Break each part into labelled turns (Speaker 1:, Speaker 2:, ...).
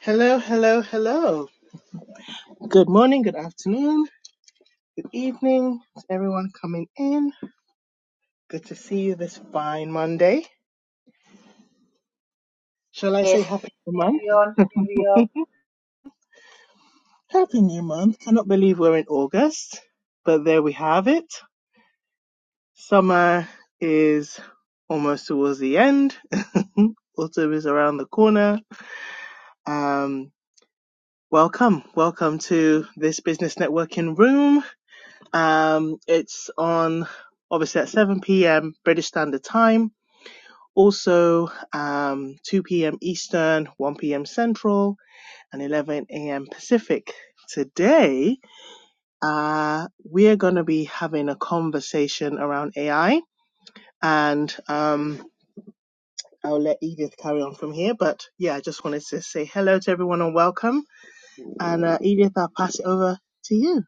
Speaker 1: Hello, hello, hello. Good morning, good afternoon, good evening to everyone coming in. Good to see you this fine Monday. Shall I say
Speaker 2: Yes,
Speaker 1: happy new month?
Speaker 2: carry on, carry on.
Speaker 1: Happy new month. Cannot believe we're in August, but there we have it. Summer is almost towards the end. Autumn is around the corner. Um, welcome, welcome to this business networking room. Um, it's on obviously at 7 p.m. British Standard Time Also, um, 2 p.m. Eastern, 1 p.m. Central, and 11 a.m. Pacific. Today, uh, we're going to be having a conversation around AI, and um, I'll let Edith carry on from here. But yeah, I just wanted to say hello to everyone and welcome. And uh, Edith, I'll pass it over to you.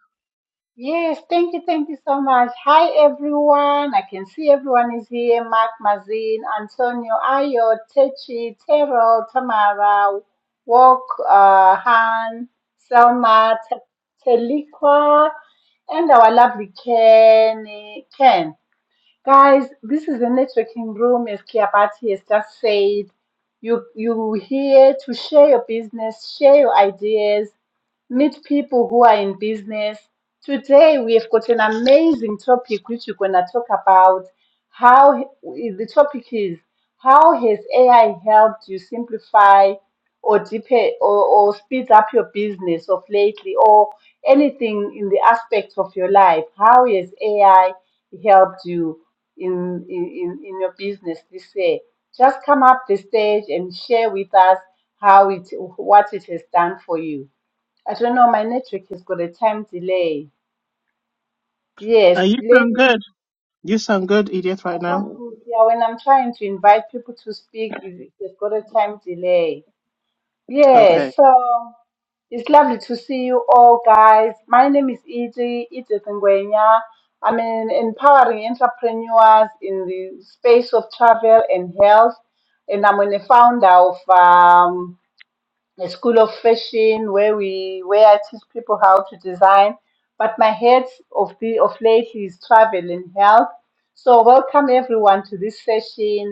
Speaker 2: Yes, thank you, thank you so much. Hi, everyone. I can see everyone is here. Mark, Mazin, Antonio, Ayo, Techi, Terrell, Tamara, Walk, uh, Han, Selma, Te- Telikwa, and our lovely Ken. Ken. Guys, this is the networking room, as Kiabati has just said. You, you here to share your business, share your ideas, meet people who are in business. Today, we have got an amazing topic which we're going to talk about. How the topic is How has AI helped you simplify or deepen or, or speed up your business of lately or anything in the aspects of your life? How has AI helped you in, in, in in your business this year? Just come up the stage and share with us how it what it has done for you. I don't know, my network has got a time delay.
Speaker 1: Uh,
Speaker 2: Yes,
Speaker 1: you sound
Speaker 2: ladies,
Speaker 1: good. You sound good, Edith,
Speaker 2: I
Speaker 1: right
Speaker 2: can't
Speaker 1: now.
Speaker 2: put yeah, when I'm trying to invite people to speak, it- it's got a time delay.
Speaker 1: Okay.
Speaker 2: Yes, so it's lovely to see you all, guys. My name is Edie, Edith Nguyenya. I'm an empowering entrepreneurs in the space of travel and health, and I'm a founder of um, a school of fashion where we where I teach people how to design. But my head of the of lately is travel and health. So welcome everyone to this session.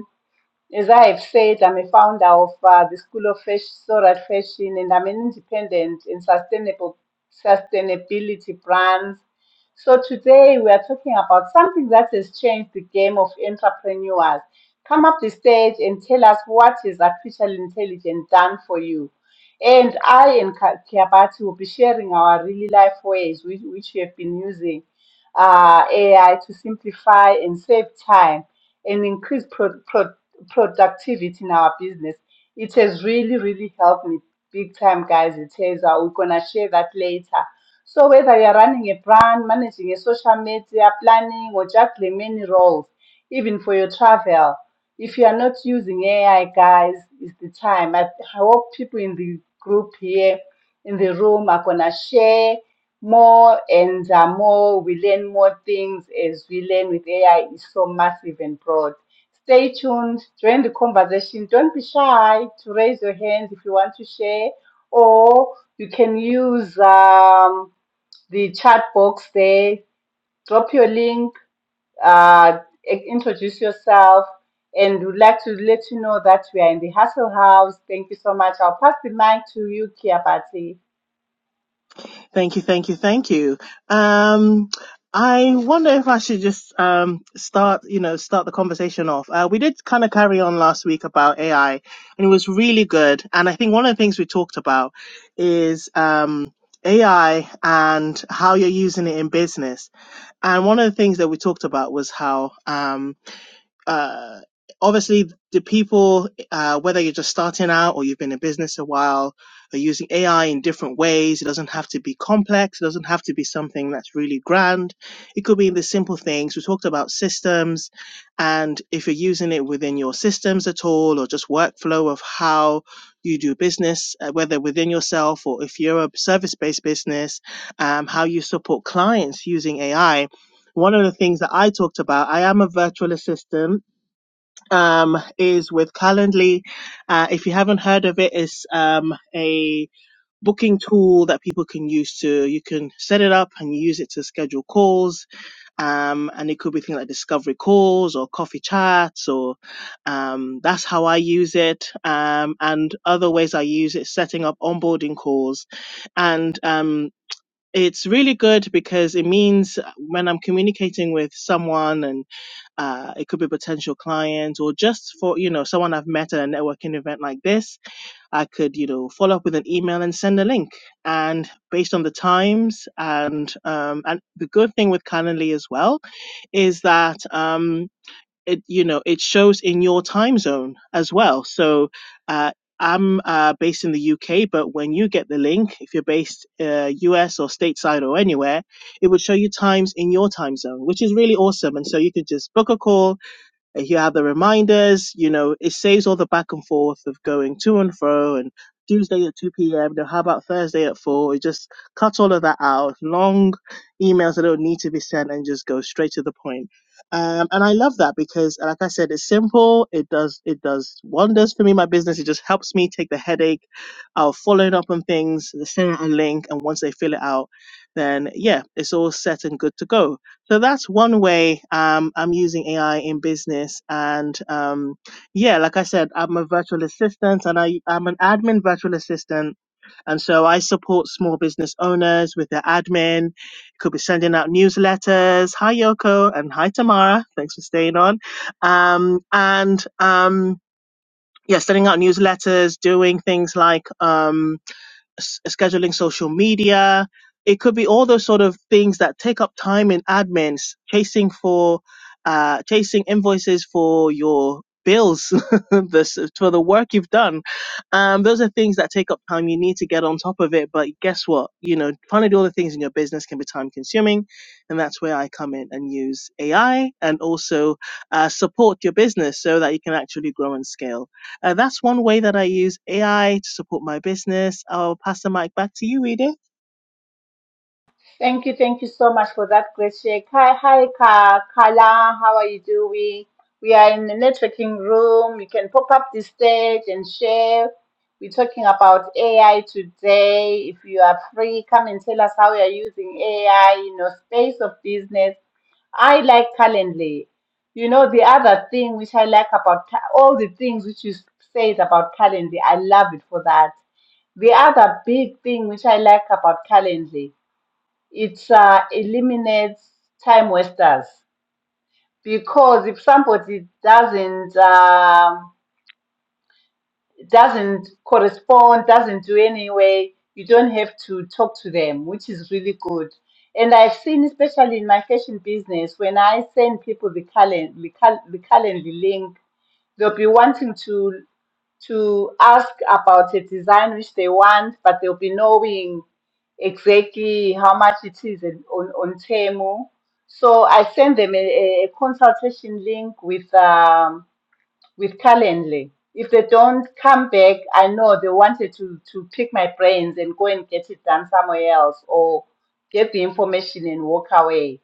Speaker 2: As I have said, I'm a founder of uh, the School of Fashion, Sorat Fashion, and I'm an independent and sustainable sustainability brand. So today we are talking about something that has changed the game of entrepreneurs. Come up the stage and tell us what is artificial intelligence done for you. And I and Ka- Kiabati will be sharing our really life ways which, which we have been using uh, AI to simplify and save time and increase pro- pro- productivity in our business. It has really, really helped me big time, guys. It has. Uh, we're going to share that later. So, whether you're running a brand, managing a social media, planning, or juggling many roles, even for your travel, if you are not using AI, guys, it's the time. I I hope people in the group here, in the room, are going to share more and uh, more we learn more things as we learn with AI is so massive and broad. Stay tuned, join the conversation. Don't be shy to raise your hand if you want to share, or you can use um, the chat box there. Drop your link, uh, i- introduce yourself, and we'd like to let you know that we are in the Hustle House. Thank you so much. I'll pass the mic to you, Kiabati.
Speaker 1: Thank you, thank you, thank you. Um, I wonder if I should just um, start, you know, start the conversation off. Uh, we did kind of carry on last week about AI, and it was really good. And I think one of the things we talked about is um, AI and how you're using it in business. And one of the things that we talked about was how um, uh, obviously the people, uh, whether you're just starting out or you've been in business a while, are using AI in different ways. It doesn't have to be complex. It doesn't have to be something that's really grand. It could be in the simple things. We talked about systems and if you're using it within your systems at all or just workflow of how you do business, uh, whether within yourself or if you're a service-based business, um, how you support clients using AI. One of the things that I talked about, I am a virtual assistant um, is with Calendly. Uh, if you haven't heard of it, it's um, a booking tool that people can use to, you can set it up and use it to schedule calls. Um, and it could be things like discovery calls or coffee chats or um, that's how I use it. Um, and other ways I use it, setting up onboarding calls. And um, it's really good because it means when I'm communicating with someone and uh, it could be potential clients or just for you know someone i've met at a networking event like this i could you know follow up with an email and send a link and based on the times and um, and the good thing with calendly as well is that um, it you know it shows in your time zone as well. So uh, I'm uh, based in the UK, but when you get the link, if you're based uh, US or stateside or anywhere, it would show you times in your time zone, which is really awesome. And so you could just book a call you have the reminders, you know, it saves all the back and forth of going to and fro and Tuesday at 2 p.m. Now, how about Thursday at 4? It just cuts all of that out. Long emails that don't need to be sent and just go straight to the point. Um, and I love that because, like I said, it's simple. It does it does wonders for me, my business. It just helps me take the headache of following up on things, sending a link, and once they fill it out, then yeah, it's all set and good to go so that's one way um, I'm using AI in business. And um, yeah, like I said, I'm a virtual assistant and I, I'm an admin virtual assistant. And so I support small business owners with their admin. Could be sending out newsletters. Hi, Yoko. And hi, Tamara. Thanks for staying on. Um, and um, yeah, sending out newsletters, doing things like. Um, s- scheduling social media. It could be all those sort of things that take up time in admins, chasing for, uh, chasing invoices for your bills, this for the work you've done. Um, those are things that take up time. You need to get on top of it. But guess what? You know, trying to do all the things in your business can be time consuming, and that's where I come in and use AI and also uh, support your business so that you can actually grow and scale. Uh, that's one way that I use AI to support my business. I'll pass the mic back to you, Edith.
Speaker 2: Thank you, thank you so much for that great share. Hi, hi, Ka- Kala, how are you doing? We are in the networking room. You can pop up the stage and share. We're talking about AI today. If you are free, come and tell us how you are using AI in your space of business. I like Calendly. You know, the other thing which I like about Ca- all the things which you said about Calendly, I love it for that. The other big thing which I like about Calendly it uh, eliminates time wasters because if somebody doesn't um doesn't correspond, doesn't do anyway. You don't have to talk to them, which is really good. And I've seen, especially in my fashion business, when I send people the calendar, the, cal- the calendar link, they'll be wanting to to ask about a design which they want, but they'll be knowing exactly how much it is in, on, on Temu. So I send them a, a a consultation link with um, with Calendly. If they don't come back, I know they wanted to, to pick my brains and go and get it done somewhere else or get the information and walk away.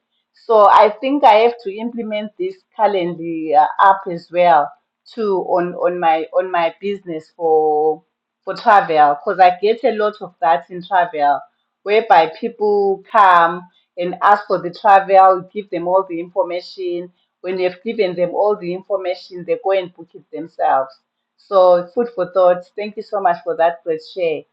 Speaker 2: So I think I have to implement this Calendly uh, app as well too on, on my on my business for for travel because I get a lot of that in travel whereby people come and ask for the travel, give them all the information when you have given them all the information, they go and book it themselves. So, food for thought. Thank you so much for that great share.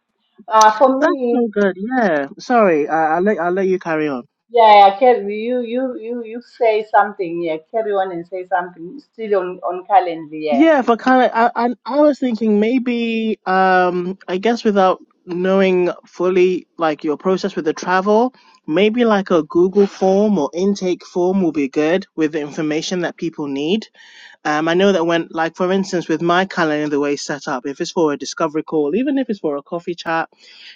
Speaker 2: Uh, for
Speaker 1: That's
Speaker 2: me,
Speaker 1: so good. Yeah. Sorry, I, I'll let I'll let you carry on.
Speaker 2: yeah, yeah, carry you, you, you, you say something. Yeah, carry on and say something. Still on on calendar. Yeah,
Speaker 1: Yeah, for kind of, I, I I was thinking maybe um I guess without knowing fully like your process with the travel, maybe like a Google form or intake form will be good with the information that people need. Um, I know that when like for instance with my calendar the way it's set up, if it's for a discovery call, even if it's for a coffee chat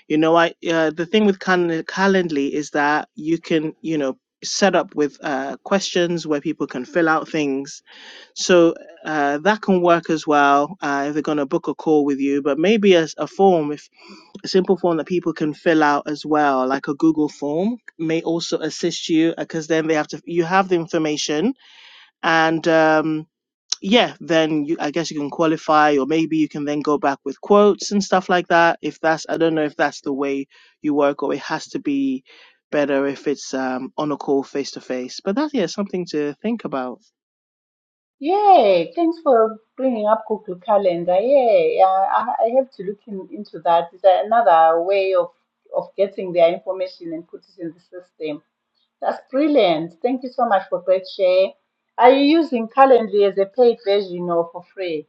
Speaker 1: You know, I uh, the thing with Cal- Calendly is that you can, you know, set up with uh, questions where people can fill out things. So uh, that can work as well uh, if they're going to book a call with you. But maybe as a form, if a simple form that people can fill out as well, like a Google form, may also assist you because then they have to you have the information and. Um, yeah, then you, I guess you can qualify, or maybe you can then go back with quotes and stuff like that. If that's, I don't know if that's the way you work, or it has to be better if it's um, on a call face to face. But that's yeah, something to think about.
Speaker 2: yeah. Thanks for bringing up Google Calendar. Yeah, yeah. I, I have to look in, into that. It's another way of of getting their information and put it in the system That's brilliant. Thank you so much for great share. Are you using Calendly as a paid version or for free?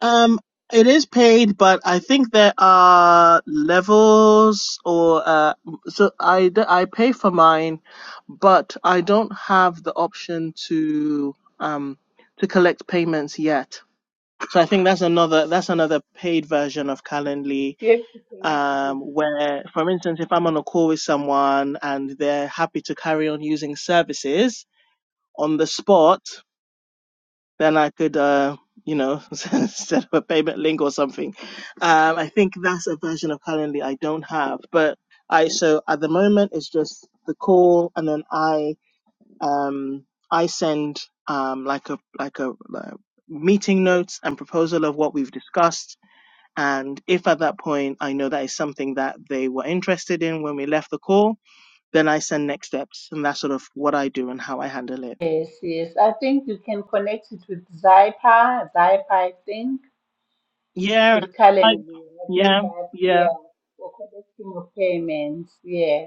Speaker 1: Um, it is paid, but I think there are levels, or uh, so I d- I pay for mine, but I don't have the option to um to collect payments yet. So I think that's another that's another paid version of Calendly,
Speaker 2: You have to connect it with
Speaker 1: um, where, for instance, if I'm on a call with someone and they're happy to carry on using services on the spot, then I could, uh, you know, set up a payment link or something. Um, I think that's a version of Calendly I don't have, but I so at the moment it's just the call, and then I um, I send um, like a like a like meeting notes and proposal of what we've discussed and if at that point I know that is something that they were interested in when we left the call, then I send next steps. And that's sort of what I do and how I handle it.
Speaker 2: Yes, yes. I think you can connect it with Zypa, Zypa, I think,
Speaker 1: Yeah.
Speaker 2: with
Speaker 1: I,
Speaker 2: Calendly. I think
Speaker 1: yeah.
Speaker 2: that,
Speaker 1: Yeah.
Speaker 2: yeah, for collecting of payments. Yeah.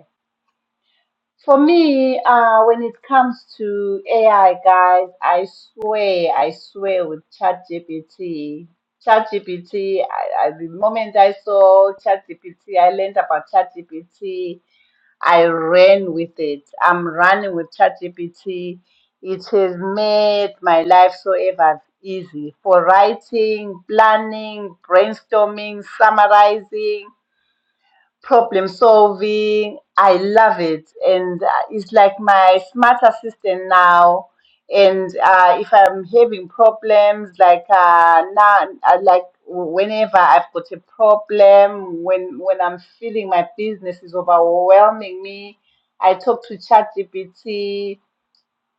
Speaker 2: For me, uh, when it comes to AI, guys, I swear, I swear with ChatGPT. ChatGPT, I, I, the moment I saw ChatGPT, I learned about ChatGPT. I ran with it. I'm running with ChatGPT. It has made my life so ever easy for writing, planning, brainstorming, summarizing problem solving. I love it, and uh, it's like my smart assistant now. And uh, if I'm having problems, like uh, now, uh, like whenever I've got a problem, when when I'm feeling my business is overwhelming me, I talk to ChatGPT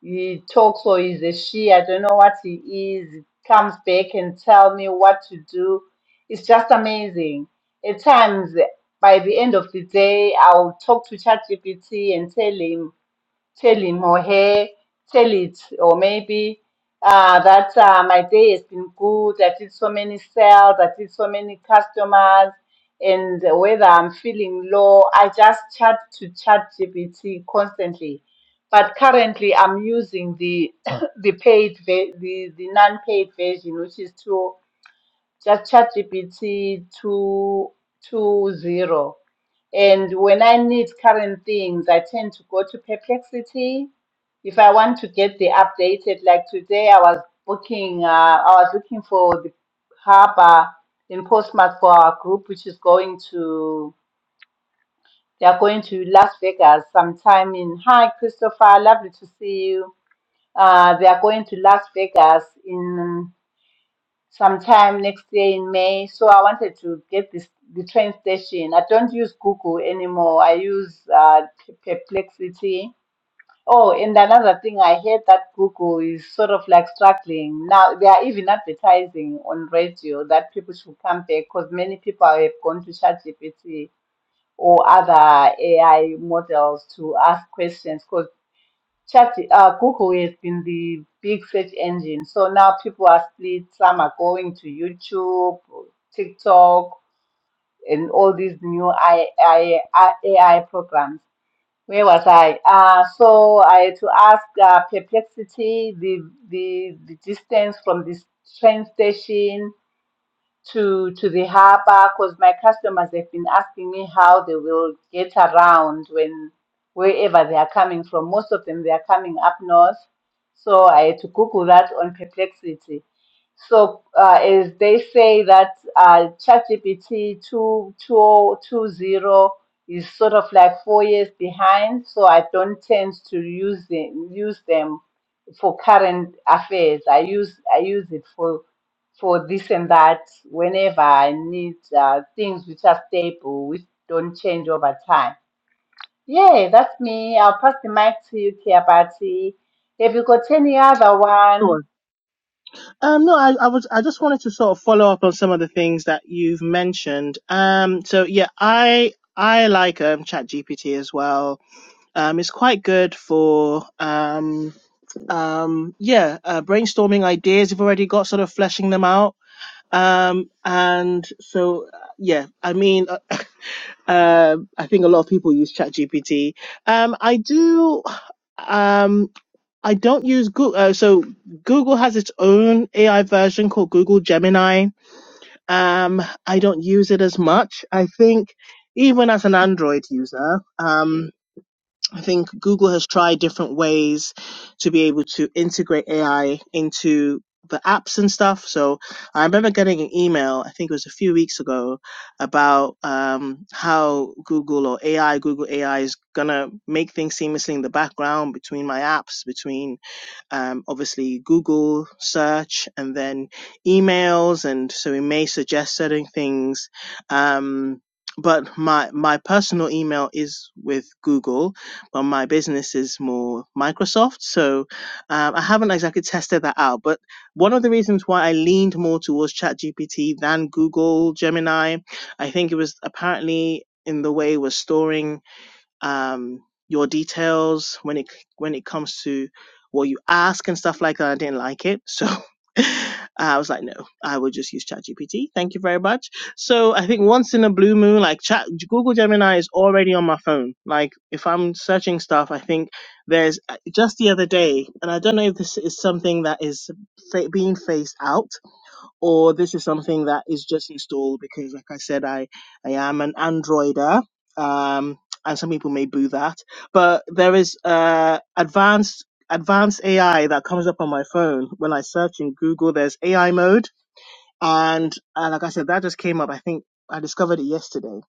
Speaker 2: he talks or he's a she, I don't know what he is. He comes back and tell me what to do. It's just amazing. At times, by the end of the day, I'll talk to ChatGPT and tell him tell him or her, tell it, or maybe uh, that uh, my day has been good, I did so many sales, I did so many customers, and whether I'm feeling low, I just chat to chat GPT constantly. But currently, I'm using the the paid, ve- the, the non paid version, which is two just ChatGPT two two zero. And when I need current things, I tend to go to Perplexity. If I want to get the updated, like today, I was booking, uh, I was looking for the harbor in Postmates for our group, which is going to, they are going to Las Vegas sometime in, hi, Christopher, lovely to see you. Uh, they are going to Las Vegas in sometime next year in May. So I wanted to get this the train station. I don't use Google anymore. I use uh, P- Perplexity. Oh, and another thing, I heard that Google is sort of like struggling now. They are even advertising on radio that people should come back because many people have gone to ChatGPT or other AI models to ask questions. Chat, uh, Google has been the big search engine. So now people are split. Some are going to YouTube, TikTok, and all these new AI, AI, programs. Where was I? Uh, so I had to ask uh, perplexity, the, the, the distance from this train station, to to the harbor because my customers have been asking me how they will get around when wherever they are coming from. Most of them they are coming up north, so I had to Google that on Perplexity. So uh, as they say that uh, ChatGPT two two two zero is sort of like four years behind, so I don't tend to use them use them for current affairs. I use I use it for for this and that whenever I need uh, things which are stable, which don't change over time. Yeah, that's me. I'll pass the mic to you, Kia Party. Have you got any other
Speaker 1: Sure.
Speaker 2: one?
Speaker 1: Um, no, I, I was, I just wanted to sort of follow up on some of the things that you've mentioned. Um, so yeah, I, I like, um, chat GPT as well. Um, it's quite good for, um, um, yeah, uh, brainstorming ideas. You've already got sort of fleshing them out Um, and so, uh, yeah, I mean, uh, um, I think a lot of people use ChatGPT. Um, I do, um, I don't use Google. Uh, so Google has its own AI version called Google Gemini. Um, I don't use it as much. I think even as an Android user, um, I think Google has tried different ways to be able to integrate AI into the apps and stuff. So I remember getting an email, I think it was a few weeks ago, about um, how Google or AI, Google AI is going to make things seamlessly in the background between my apps, between um, obviously Google search and then emails. And so we may suggest certain things. Um, but my, my personal email is with Google, but my business is more Microsoft. So um, I haven't exactly tested that out. But one of the reasons why I leaned more towards ChatGPT than Google Gemini, I think it was apparently in the way we're storing um, your details when it when it comes to what you ask and stuff like that. I didn't like it, so I was like, no, I will just use ChatGPT. Thank you very much. So I think once in a blue moon, like Chat Google Gemini is already on my phone. Like if I'm searching stuff, I think there's uh, just the other day, and I don't know if this is something that is fa- being phased out or this is something that is just installed because, like I said, I, I am an Androider. Um, and some people may boo that, but there is uh, advanced advanced AI that comes up on my phone when I search in Google. There's AI mode and uh, like I said, that just came up. I think I discovered it yesterday.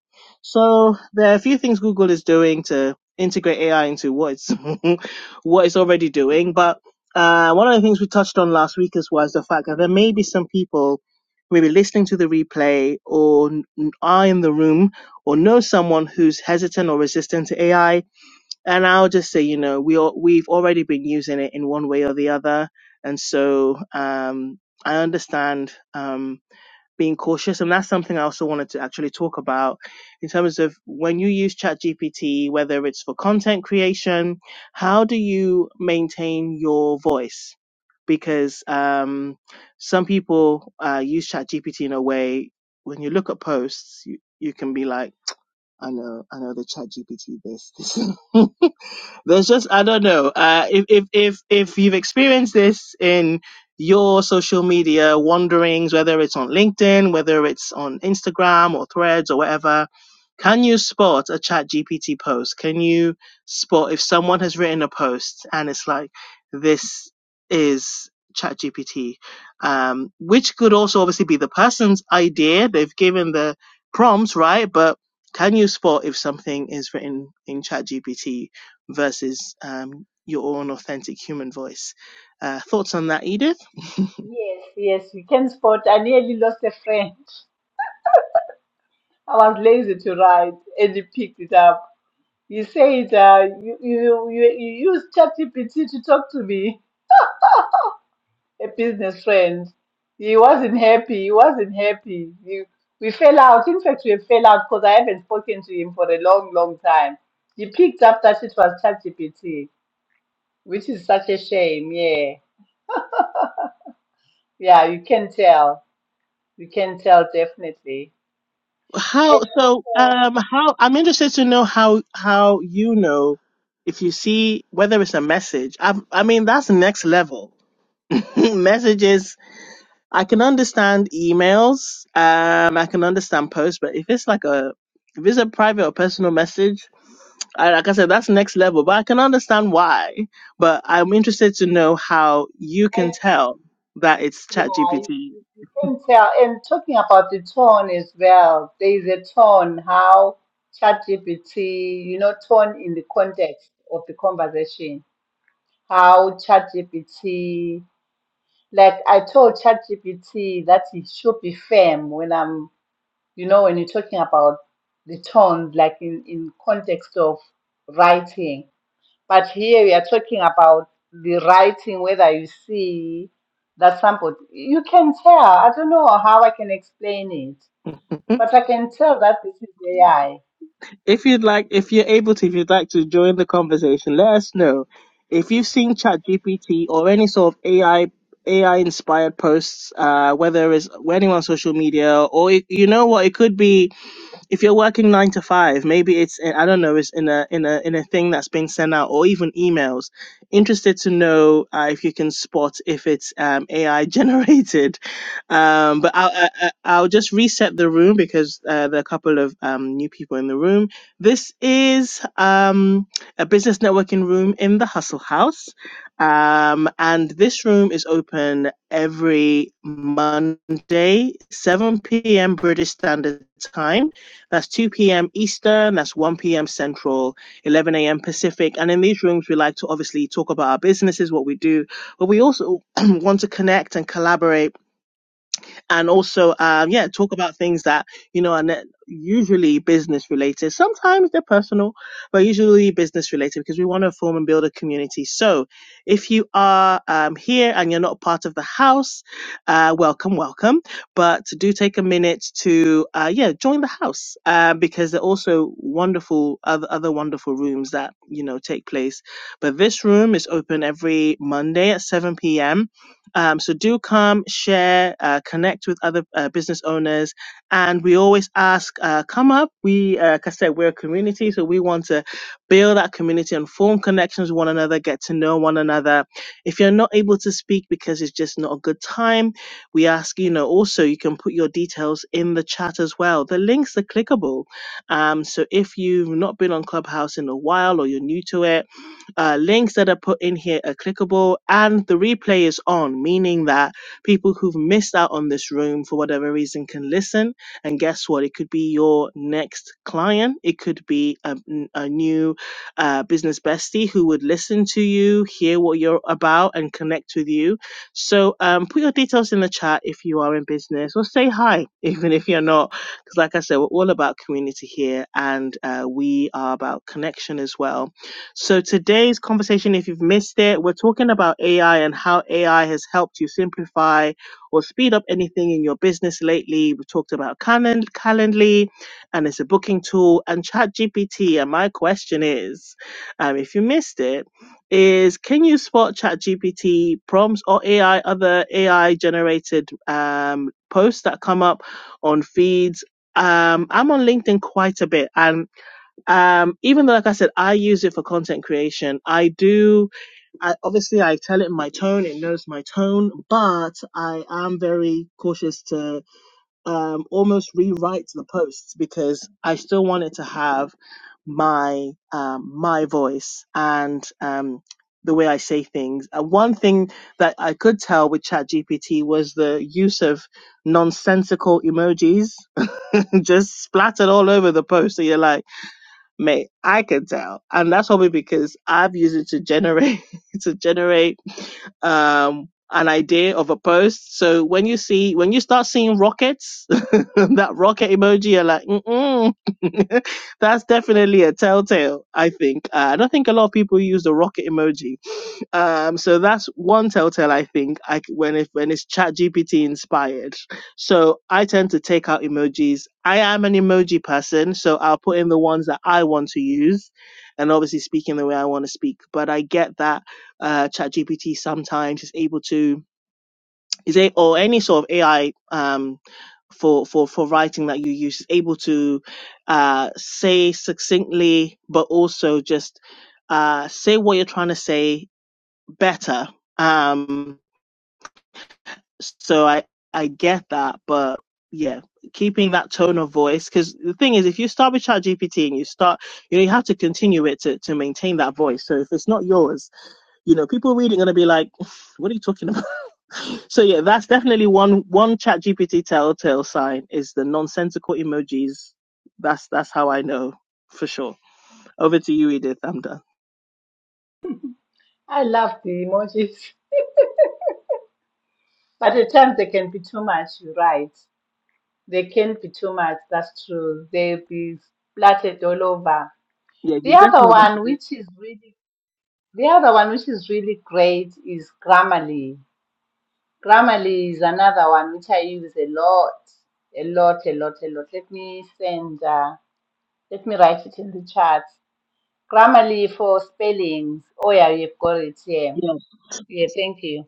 Speaker 1: So there are a few things Google is doing to integrate AI into what it's what it's already doing. But uh, one of the things we touched on last week is was the fact that there may be some people maybe listening to the replay or n- are in the room or know someone who's hesitant or resistant to AI. And I'll just say, you know, we all, we've already been using it in one way or the other, and so um, I understand. Um, being cautious and that's something i also wanted to actually talk about in terms of when you use ChatGPT, whether it's for content creation how do you maintain your voice because um, some people uh, use ChatGPT in a way when you look at posts you, you can be like I know, I know the chat GPT this. this- There's just I don't know. Uh if, if if if you've experienced this in your social media wanderings, whether it's on LinkedIn, whether it's on Instagram or threads or whatever, can you spot a chat GPT post? Can you spot if someone has written a post and it's like this is chat GPT? Um, which could also obviously be the person's idea. They've given the prompts, right? But can you spot if something is written in ChatGPT versus um, your own authentic human voice? Uh, thoughts on that, Edith?
Speaker 2: Yes, yes, you can spot. I nearly lost a friend. I was lazy to write, and he picked it up. You said uh, you, you you you use ChatGPT to talk to me. a business friend. He wasn't happy. He wasn't happy. He, we fell out. In fact, we fell out because I haven't spoken to him for a long, long time. He picked up that it was ChatGPT, which is such a shame. Yeah, yeah, you can tell. You can tell definitely.
Speaker 1: How
Speaker 2: And
Speaker 1: so?
Speaker 2: also,
Speaker 1: Um, how I'm interested to know how how you know if you see whether it's a message. I I mean that's next level. Messages I can understand emails. Um, I can understand posts, but if it's like a if it's a private or personal message, I, like I said, that's next level. But I can understand why. But I'm interested to know how you can
Speaker 2: I
Speaker 1: tell that it's
Speaker 2: yeah, you,
Speaker 1: ChatGPT.
Speaker 2: you you can tell. And talking about the tone as well, there is a tone how ChatGPT, you know, tone in the context of the conversation how ChatGPT, like I told ChatGPT that it should be firm when I'm, you know, when you're talking about the tone, like in, in context of writing. But here we are talking about the writing, whether you see that somebody, you can tell. I don't know how I can explain it, but I can tell that this is AI. I
Speaker 1: if you'd like, if you're able to, if you'd like to join the conversation, let us know. If you've seen ChatGPT or any sort of AI AI inspired posts, uh, whether it's anyone on social media or it, you know what, it could be if you're working nine to five, maybe it's in- I don't know, it's in a in a in a thing that's been sent out or even emails. Interested to know uh, if you can spot if it's um, AI generated. Um, but I'll I, I- I'll just reset the room because uh, there are a couple of um, new people in the room. This is um, a business networking room in the Hustle House. Um, and this room is open every Monday, 7 p.m. British Standard Time. That's 2 p.m. Eastern, that's 1 p.m. Central, 11 a.m. Pacific. And in these rooms, we like to obviously talk about our businesses, what we do, but we also want to connect and collaborate and also um, yeah talk about things that you know are ne- usually business related sometimes they're personal but usually business related because we want to form and build a community so if you are um, here and you're not part of the house uh, welcome welcome but do take a minute to uh, yeah join the house uh, because there are also wonderful other, other wonderful rooms that you know take place but this room is open every monday at 7 p.m um, so do come, share, uh, connect with other uh, business owners, and we always ask, uh, come up. We, uh, like I said, we're a community, so we want to build that community and form connections with one another, get to know one another. If you're not able to speak because it's just not a good time, we ask, you know, also you can put your details in the chat as well. The links are clickable, um, so if you've not been on Clubhouse in a while or you're new to it uh, links that are put in here are clickable and the replay is on, meaning that people who've missed out on this room for whatever reason can listen. And guess what? It could be your next client, it could be a a new uh, business bestie who would listen to you, hear what you're about, and connect with you. So um, put your details in the chat if you are in business or say hi, even if you're not. Because, like I said, we're all about community here and uh, we are about connection as well so today's conversation, if you've missed it, we're talking about AI and how AI has helped you simplify or speed up anything in your business lately. We've talked about Calend- Calendly, and it's a booking tool, and ChatGPT. And my question is, um, if you missed it, is can you spot ChatGPT prompts or AI other AI generated um, posts that come up on feeds? Um, I'm on LinkedIn quite a bit, and um even though like i said i use it for content creation i do i obviously i tell it in my tone it knows my tone but i am very cautious to um almost rewrite the posts because i still want it to have my um my voice and um the way I say things. And one thing that I could tell with ChatGPT was the use of nonsensical emojis just splattered all over the post. So you're like, Mate, I can tell. And that's probably because I've used it to generate to generate um an idea of a post. So when you see when you start seeing rockets, that rocket emoji, you're like, mm mm, that's definitely a telltale. I think uh, I don't think a lot of people use the rocket emoji um, so that's one telltale I think I c- when if when it's chat GPT inspired. So I tend to take out emojis. I am an emoji person, so I'll put in the ones that I want to use and obviously speaking the way I want to speak. But I get that uh chat GPT sometimes is able to is a or any sort of AI um for for for writing that you use is able to uh say succinctly but also just uh say what you're trying to say better. Um, so I I get that, but yeah, keeping that tone of voice because the thing is, if you start with ChatGPT and you start, you know, you have to continue it to to maintain that voice. So if it's not yours, you know, people reading are gonna be like, "What are you talking about?" So yeah, that's definitely one one ChatGPT telltale sign is the nonsensical emojis. That's that's how I know for sure. Over to you, Edith. I'm done.
Speaker 2: I love the emojis, but at times they can be too much, you're right. They can not be too much, that's true. They'll be splattered all over.
Speaker 1: Yeah,
Speaker 2: The
Speaker 1: you
Speaker 2: other
Speaker 1: definitely. got to
Speaker 2: one
Speaker 1: do.
Speaker 2: which is really the other one which is really great is Grammarly. Grammarly is another one which I use a lot. A lot, a lot, a lot. Let me send uh, let me write it in the chat. Grammarly for spellings. Oh yeah, you've got it Yeah,
Speaker 1: Yeah.
Speaker 2: Yeah, thank you.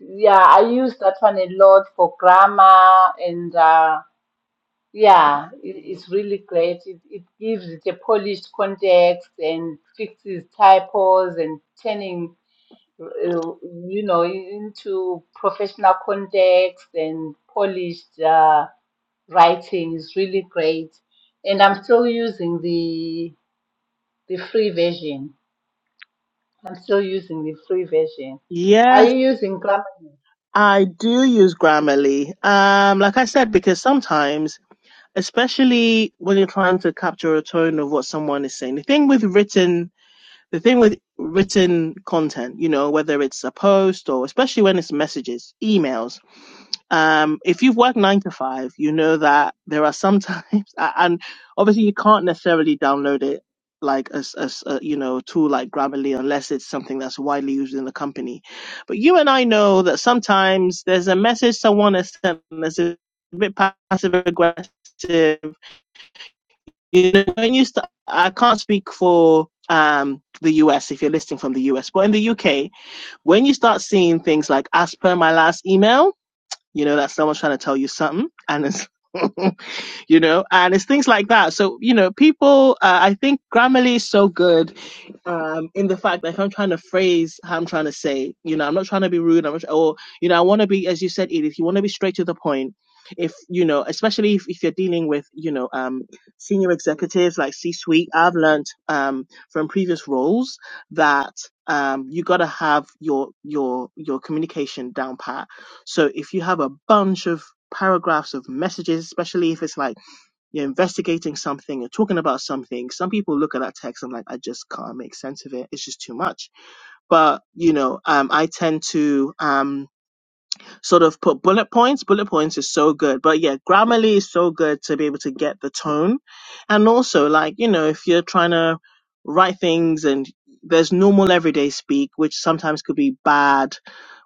Speaker 2: Yeah, I use that one a lot for grammar and uh Yeah, it, it's really great. It, it gives it a polished context and fixes typos and turning, uh, you know, into professional context and polished uh, writing is really great. And I'm still using the the free version. I'm still using the free version.
Speaker 1: Yeah.
Speaker 2: Are you using Grammarly?
Speaker 1: I do use Grammarly. Um, like I said, because sometimes, especially when you're trying to capture a tone of what someone is saying, the thing with written the thing with written content, you know, whether it's a post or especially when it's messages, emails, um, if you've worked nine to five, you know that there are sometimes, and obviously you can't necessarily download it like as as a, you know tool like Grammarly unless it's something that's widely used in the company. But you and I know that sometimes there's a message someone has sent that's a bit passive aggressive you know, when you start, I can't speak for um, the US if you're listening from the US, but in the UK, when you start seeing things like as per my last email, you know that someone's trying to tell you something, and it's you know, and it's things like that. So you know, people, uh, I think Grammarly is so good um, in the fact that if I'm trying to phrase how I'm trying to say, you know, I'm not trying to be rude. I'm not, or you know, I want to be, as you said, Edith, you want to be straight to the point. If you know, especially if, if you're dealing with you know um, senior executives like C-suite, I've learned um, from previous roles that um, you got to have your your your communication down pat. So if you have a bunch of paragraphs of messages, especially if it's like you're investigating something, you're talking about something. Some people look at that text and like, I just can't make sense of it. It's just too much. But you know, um, I tend to. Um, sort of put bullet points. Bullet points is so good. But yeah, Grammarly is so good to be able to get the tone. And also, like, you know, if you're trying to write things and there's normal everyday speak, which sometimes could be bad.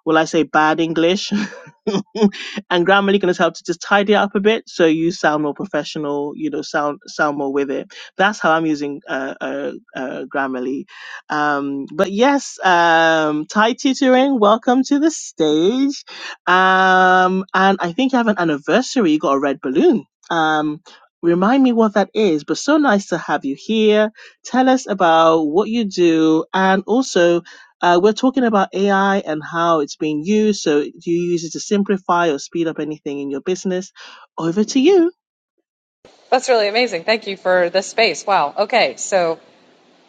Speaker 1: Will I say bad English? and Grammarly can just help to just tidy up a bit so you sound more professional, you know, sound sound more with it. That's how I'm using uh, uh, uh, Grammarly. Um, but yes, um, Thai tutoring, welcome to the stage. Um, and I think you have an anniversary. You got a red balloon. Um, remind me what that is. But so nice to have you here. Tell us about what you do, and also. Uh, we're talking about AI and how it's being used. So, do you use it to simplify or speed up anything in your business? Over to you.
Speaker 3: That's really amazing. Thank you for this space. Wow. Okay. So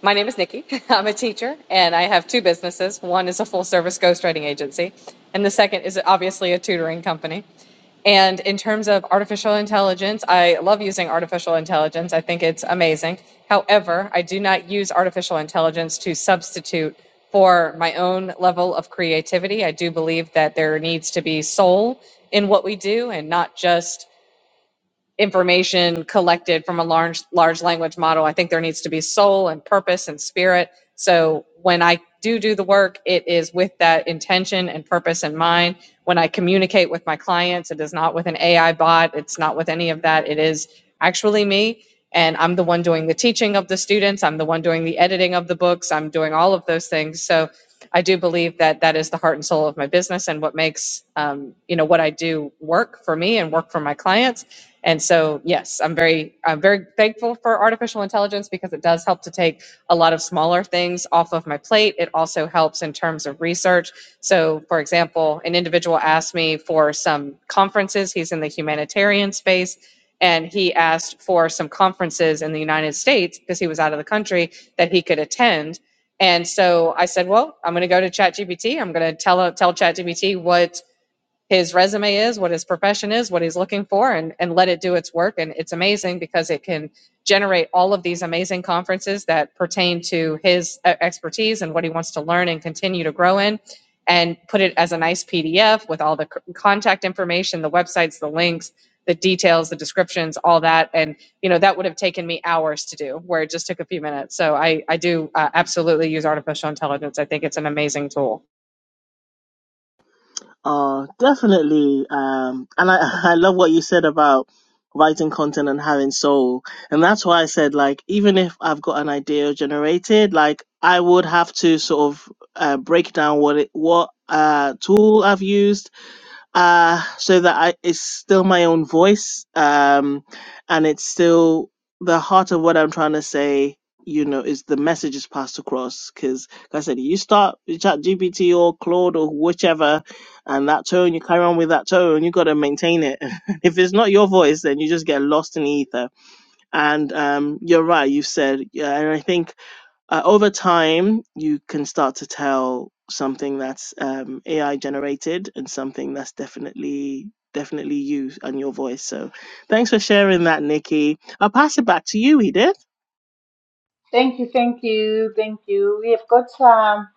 Speaker 3: my name is Nikki. I'm a teacher and I have two businesses. One is a full service ghostwriting agency, and the second is obviously a tutoring company. And in terms of artificial intelligence, I love using artificial intelligence. I think it's amazing. However, I do not use artificial intelligence to substitute for my own level of creativity. I do believe that there needs to be soul in what we do and not just information collected from a large large language model i think there needs to be soul and purpose and spirit so when i do do the work it is with that intention and purpose in mind when i communicate with my clients it is not with an ai bot it's not with any of that it is actually me and i'm the one doing the teaching of the students i'm the one doing the editing of the books i'm doing all of those things so i do believe that that is the heart and soul of my business and what makes um, you know what i do work for me and work for my clients and so, yes, I'm very, I'm very thankful for artificial intelligence because it does help to take a lot of smaller things off of my plate. It also helps in terms of research. So, for example, an individual asked me for some conferences. He's in the humanitarian space. And he asked for some conferences in the United States because he was out of the country that he could attend. And so I said, well, I'm going to go to ChatGPT. I'm going to tell tell ChatGPT what his resume is, what his profession is, what he's looking for, and, and let it do its work. And it's amazing because it can generate all of these amazing conferences that pertain to his uh, expertise and what he wants to learn and continue to grow in, and put it as a nice PDF with all the contact information, the websites, the links, the details, the descriptions, all that. And, you know, that would have taken me hours to do where it just took a few minutes. So I, I do uh, absolutely use artificial intelligence. I think it's an amazing tool.
Speaker 1: Oh, definitely. Um, and I, I love what you said about writing content and having soul. And that's why I said, like, even if I've got an idea generated, like, I would have to sort of uh, break down what it, what uh, tool I've used uh, so that I, it's still my own voice, um, and it's still the heart of what I'm trying to say. You know, is the message is passed across because, like I said, you start with Chat GPT or Claude or whichever, and that tone you carry on with that tone, you got to maintain it. if it's not your voice, then you just get lost in the ether. And um, you're right, you said, yeah, and I think uh, over time you can start to tell something that's um, AI generated and something that's definitely definitely you and your voice. So thanks for sharing that, Nikki. I'll pass it back to you, Edith.
Speaker 2: Thank you, thank you, thank you. We have got um,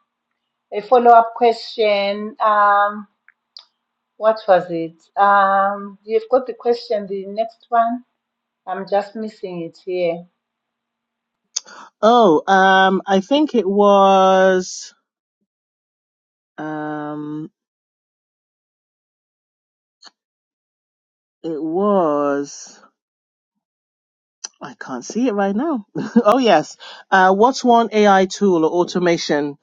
Speaker 2: a follow-up question. Um, What was it? Um, you've got the question, the next one. I'm just missing it here.
Speaker 1: Oh, um, I think it was um, it was I can't see it right now. oh yes, uh, what's one AI tool or automation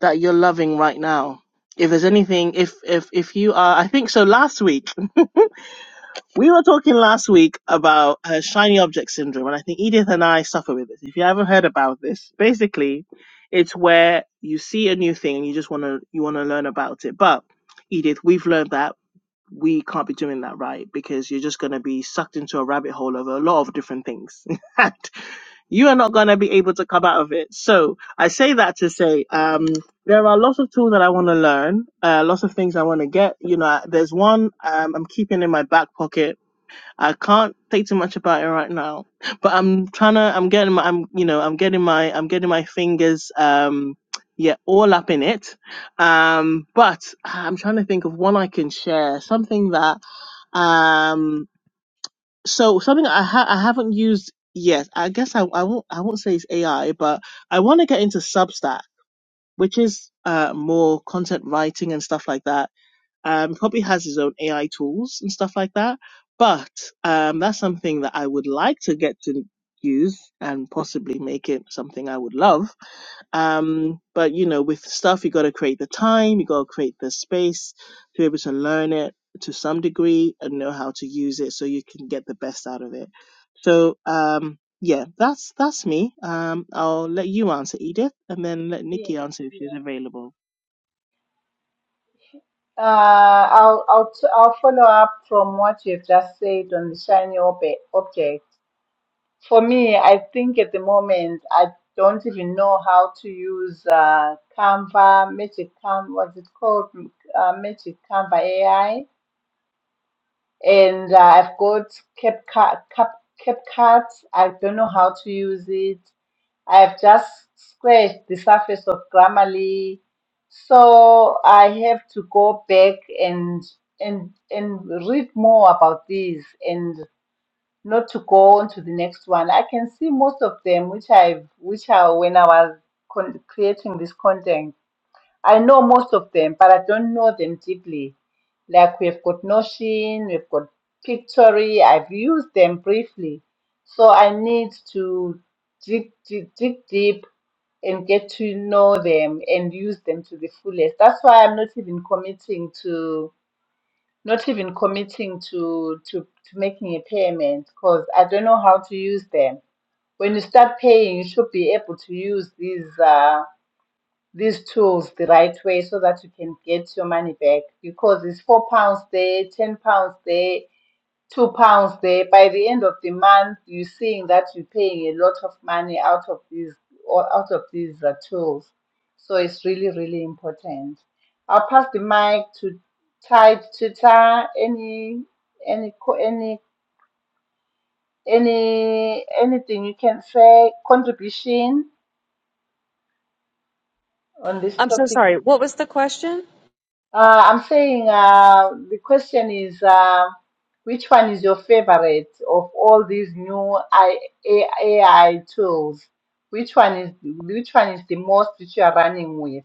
Speaker 1: that you're loving right now? If there's anything, if if if you are, I think so. Last week We were talking last week about uh, shiny object syndrome, and I think Edith and I suffer with this. If you haven't heard about this, basically, it's where you see a new thing and you just want to you want to learn about it. But Edith, we've learned that we can't be doing that, right? Because you're just going to be sucked into a rabbit hole of a lot of different things, and you are not going to be able to come out of it. So I say that to say, um, there are lots of tools that I want to learn, uh, lots of things I want to get. You know, there's one um, I'm keeping in my back pocket I can't say too much about it right now, but I'm trying to. I'm getting my. I'm you know. I'm getting my. I'm getting my fingers. Um, yeah, all up in it. Um, but I'm trying to think of one I can share. Something that. Um, so something I ha- I haven't used yet. I guess I I won't I won't say it's AI, but I want to get into Substack, which is uh more content writing and stuff like that um, probably has his own AI tools and stuff like that. But um, that's something that I would like to get to use and possibly make it something I would love. Um, but you know, with stuff, you got to create the time, you got to create the space to be able to learn it to some degree and know how to use it so you can get the best out of it. So um, yeah, that's that's me. Um, I'll let you answer Edith, and then let
Speaker 2: Yes,
Speaker 1: Nikki answer if
Speaker 2: yes.
Speaker 1: she's available.
Speaker 2: Uh, I'll, I'll, t- I'll follow up from what you've just said on the shiny ob- object. For me, I think at the moment, I don't even know how to use uh, Canva, Magic Canva, what's it called? Uh, Magic Canva AI. And uh, I've got CapCut, Cap, CapCut. I don't know how to use it. I've just scratched the surface of Grammarly, so I have to go back and and and read more about these and not to go on to the next one. I can see most of them, which I've which I when I was con- creating this content, I know most of them, but I don't know them deeply. Like we've got Notion, we've got Pictory. I've used them briefly, so I need to dig, dig, dig deep and get to know them and use them to the fullest. That's why I'm not even committing to not even committing to to, to making a payment because I don't know how to use them. When you start paying, you should be able to use these uh, these tools the right way so that you can get your money back because it's four pounds there, ten pounds there two pounds there. By the end of the month, you're seeing that you're paying a lot of money out of these or out of these uh, tools. So it's really, really important. I'll pass the mic to Ty Twitter. Any any co- any any anything you can say contribution on this
Speaker 3: I'm so
Speaker 2: topic.
Speaker 3: sorry. What was the question?
Speaker 2: Uh, I'm saying uh, the question is uh, which one is your favorite of all these new I, A- AI tools? Which one is which one is the most which you are running with?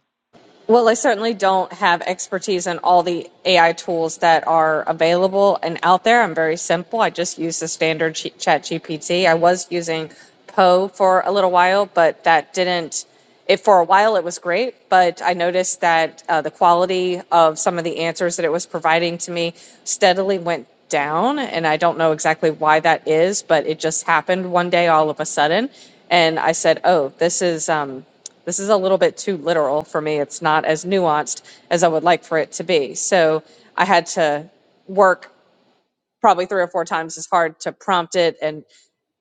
Speaker 3: Well, I certainly don't have expertise in all the AI tools that are available and out there. I'm very simple. I just use the standard Chat G- chat GPT. I was using Poe for a little while, but that didn't, it for a while it was great, but I noticed that uh, the quality of some of the answers that it was providing to me steadily went down. And I don't know exactly why that is, but it just happened one day all of a sudden. And I said, oh, this is, um, this is a little bit too literal for me. It's not as nuanced as I would like for it to be. So I had to work probably three or four times as hard to prompt it, and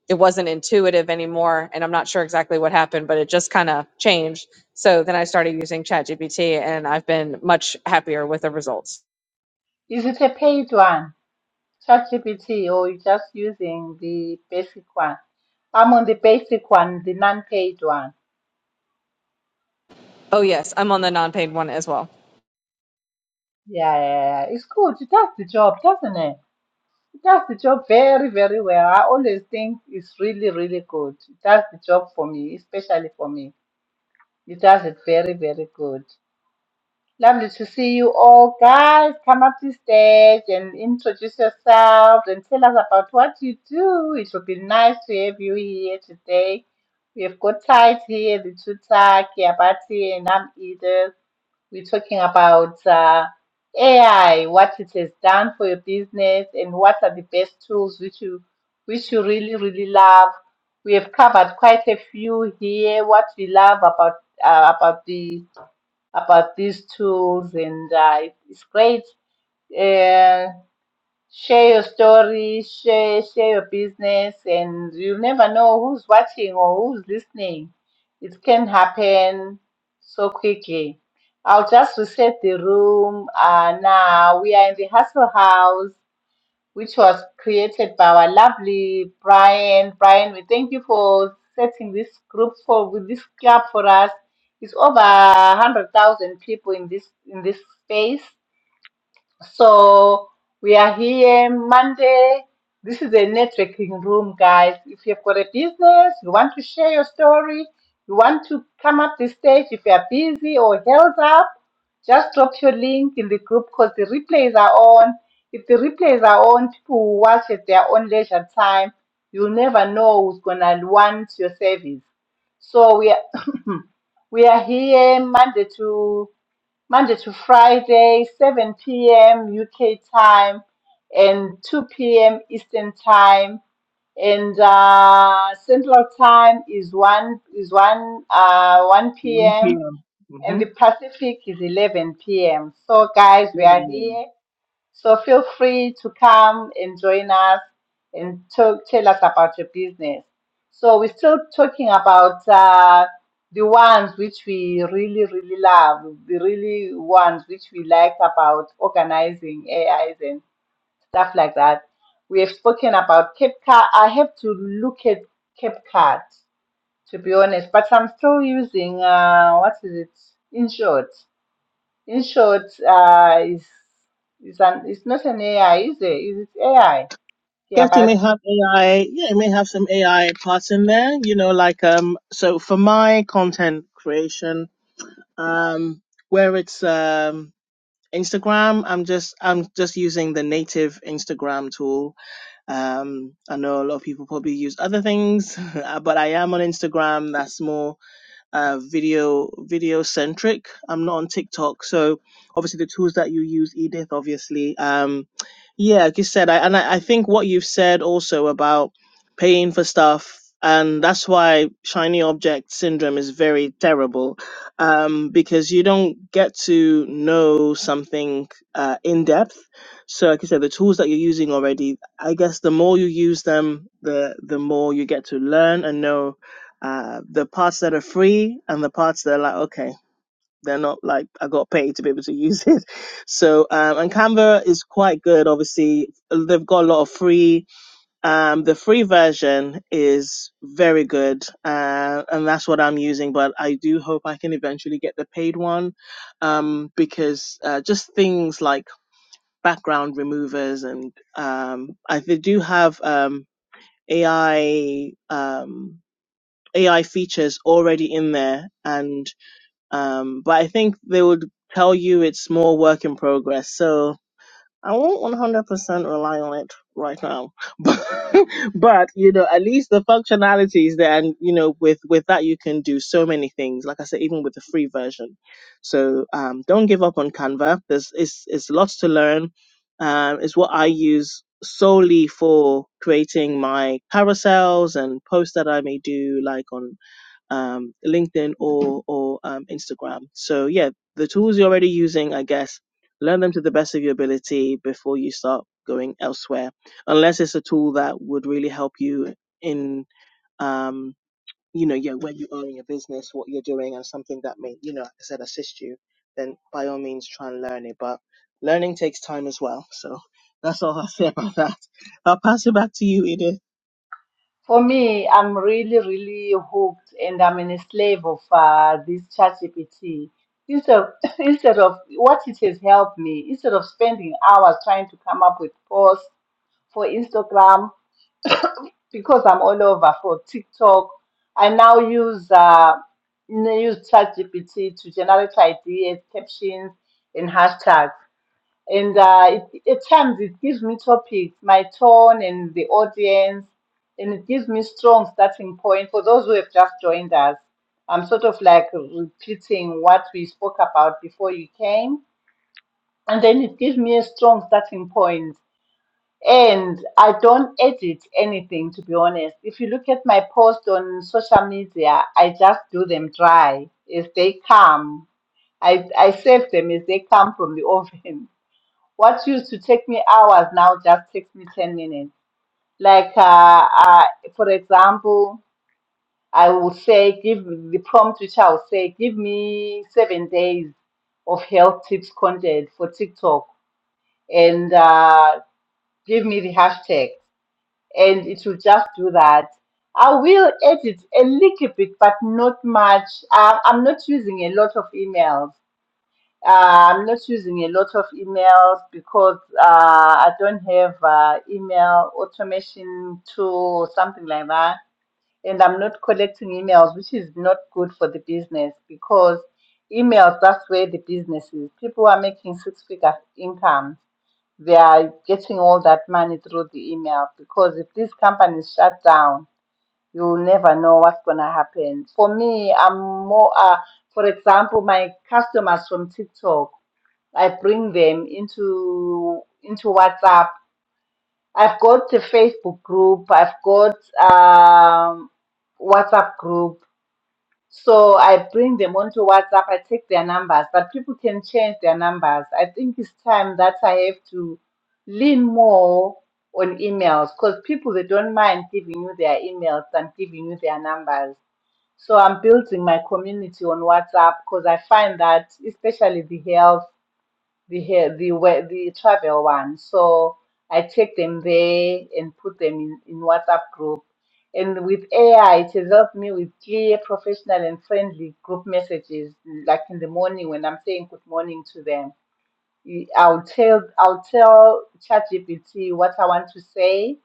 Speaker 3: it wasn't intuitive anymore. And I'm not sure exactly what happened, but it just kind of changed. So then I started using ChatGPT, and I've been much happier with the results.
Speaker 2: Is it a paid one, ChatGPT, or you just using the basic one? I'm on the basic one, the non-paid one.
Speaker 3: Oh, yes, I'm on the non paid one as well.
Speaker 2: Yeah, yeah, yeah. yeah. It's good. It does the job, doesn't it? It does the job very, very well. I always think it's really, really good. It does the job for me, especially for me. It does it very, very good. Lovely to see you all. Guys, come up to stage and introduce yourselves and tell us about what you do. It would be nice to have you here today. We have got Tight here, the two Taki, Abati, and I'm Edith. We're talking about uh, AI, what it has done for your business, and what are the best tools which you which you really really love. We have covered quite a few here. What we love about uh, about the about these tools, and uh, it's great. Uh, share your story, share share your business, and you never know who's watching or who's listening. It can happen so quickly. I'll just reset the room. Uh, now we are in the Hustle House, which was created by our lovely Brian. Brian, we thank you for setting this group for with this club for us. It's over hundred thousand people in this in this space so we are here Monday. This is a networking room, guys. If you've got a business, you want to share your story, you want to come up the stage if you are busy or held up, just drop your link in the group because the replays are on. If the replays are on, people will watch at their own leisure time. You'll never know who's gonna want your service. So we are, we are here Monday to Monday to Friday, 7 p.m. UK time and 2 p.m. Eastern time. And uh, Central time is 1 is 1 uh, 1
Speaker 1: One
Speaker 2: p.m.
Speaker 1: p.m.
Speaker 2: and the Pacific is 11 p.m. So guys, we are
Speaker 1: Mm-hmm.
Speaker 2: here so feel free to come and join us and talk, tell us about your business. So we're still talking about uh, the ones which we really, really love, the really ones which we like about organizing AIs and stuff like that. We have spoken about CapCut. I have to look at CapCut to be honest, but I'm still using uh, what is it? InShot. In short, uh, it's, it's, an, it's not an AI, is it? Is it AI? Yeah,
Speaker 1: guess it may
Speaker 2: but
Speaker 1: have AI. Yeah, it may have some AI parts in there. You know, like um. So for my content creation, um, where it's um Instagram, I'm just I'm just using the native Instagram tool. Um, I know a lot of people probably use other things, but I am on Instagram. That's more uh, video video centric. I'm not on TikTok, so obviously the tools that you use, Edith, obviously. Um, yeah, like you said, I, and I, I think what you've said also about paying for stuff, and that's why shiny object syndrome is very terrible, um, because you don't get to know something uh, in depth. So, like you said, the tools that you're using already, I guess the more you use them, the the more you get to learn and know uh, the parts that are free and the parts that are like okay they're not like i got paid to be able to use it so um, and canva is quite good obviously they've got a lot of free um, the free version is very good uh, and that's what i'm using but i do hope i can eventually get the paid one um, because uh, just things like background removers and um, I, they do have um, ai um, AI features already in there and um but I think they would tell you it's more work in progress. So I won't 100% rely on it right now. But but you know at least the functionality is there and you know with with that you can do so many things like I said even with the free version. So um don't give up on Canva. There's it's it's lots to learn. Um it's what I use solely for creating my carousels and posts that I may do like on um, LinkedIn or or um, Instagram. So yeah, the tools you're already using, I guess, learn them to the best of your ability before you start going elsewhere. Unless it's a tool that would really help you in um, you know yeah where you are in your business, what you're doing, and something that may you know like I said assist you. Then by all means try and learn it. But learning takes time as well. So that's all I'll say about that. I'll pass it back to you, Edith.
Speaker 2: for me, I'm really, really hooked and I'm in a slave of uh, this ChatGPT. Instead of, instead of what it has helped me, instead of spending hours trying to come up with posts for Instagram, because I'm all over for TikTok, I now use uh, n- use ChatGPT to generate ideas, captions, and hashtags. and uh, it, at times it gives me topics, my tone and the audience, and it gives me strong starting point for those who have just joined us. I'm sort of like repeating what we spoke about before you came, and then it gives me a strong starting point. And I don't edit anything, to be honest. If you look at my post on social media, I just do them dry as they come. I, I save them as they come from the oven. What used to take me hours now just takes me 10 minutes. Like, uh, uh, for example, I will say, give the prompt which I will say, give me seven days of health tips content for TikTok and uh, give me the hashtag. And it will just do that. I will edit a little bit, but not much. Uh, I'm not using a lot of emails. Uh, I'm not using a lot of emails because uh, I don't have uh, email automation tool or something like that. And I'm not collecting emails, which is not good for the business because emails, that's where the business is. People are making six figure income. They are getting all that money through the email because if these companies shut down, you'll never know what's going to happen. For me, I'm more, uh, for example, my customers from TikTok. I bring them into into WhatsApp. I've got a Facebook group. I've got um, WhatsApp group. So I bring them onto WhatsApp. I take their numbers, but people can change their numbers. I think it's time that I have to lean more on emails because people they don't mind giving you their emails and giving you their numbers. So I'm building my community on WhatsApp because I find that especially the health the hair, the we- the travel one. So I take them there and put them in, in WhatsApp group. And with AI, it has helped me with clear, professional, and friendly group messages. Like in the morning when I'm saying good morning to them, I- I'll tell I'll tell ChatGPT what I want to say.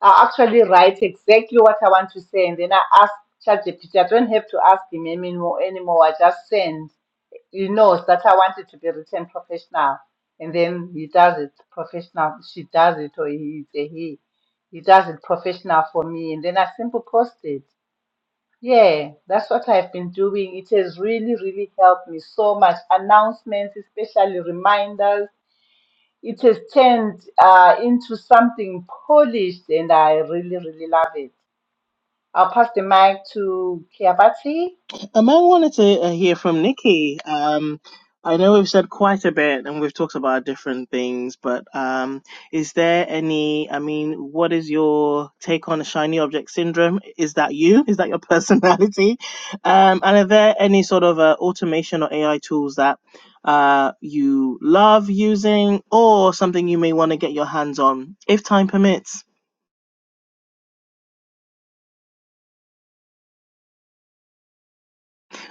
Speaker 2: I'll actually write exactly what I want to say, and then I ask ChatGPT. I don't have to ask him anymore. Anymore, I just send he knows that I want it to be written professional, and then he does it professional. She does it, or he it's a he. He does it professional for me, and then I simply post it. Yeah, that's what I've been doing. It has really, really helped me so much. Announcements, especially reminders. It has turned uh, into something polished, and I really, really love it. I'll pass the mic to Kiabati.
Speaker 1: Um, I wanted to uh, hear from Nikki. Um, I know we've said quite a bit and we've talked about different things, but um, is there any? I mean, what is your take on the shiny object syndrome? Is that you? Is that your personality? Um, and are there any sort of uh, automation or AI tools that uh, you love using, or something you may want to get your hands on if time permits?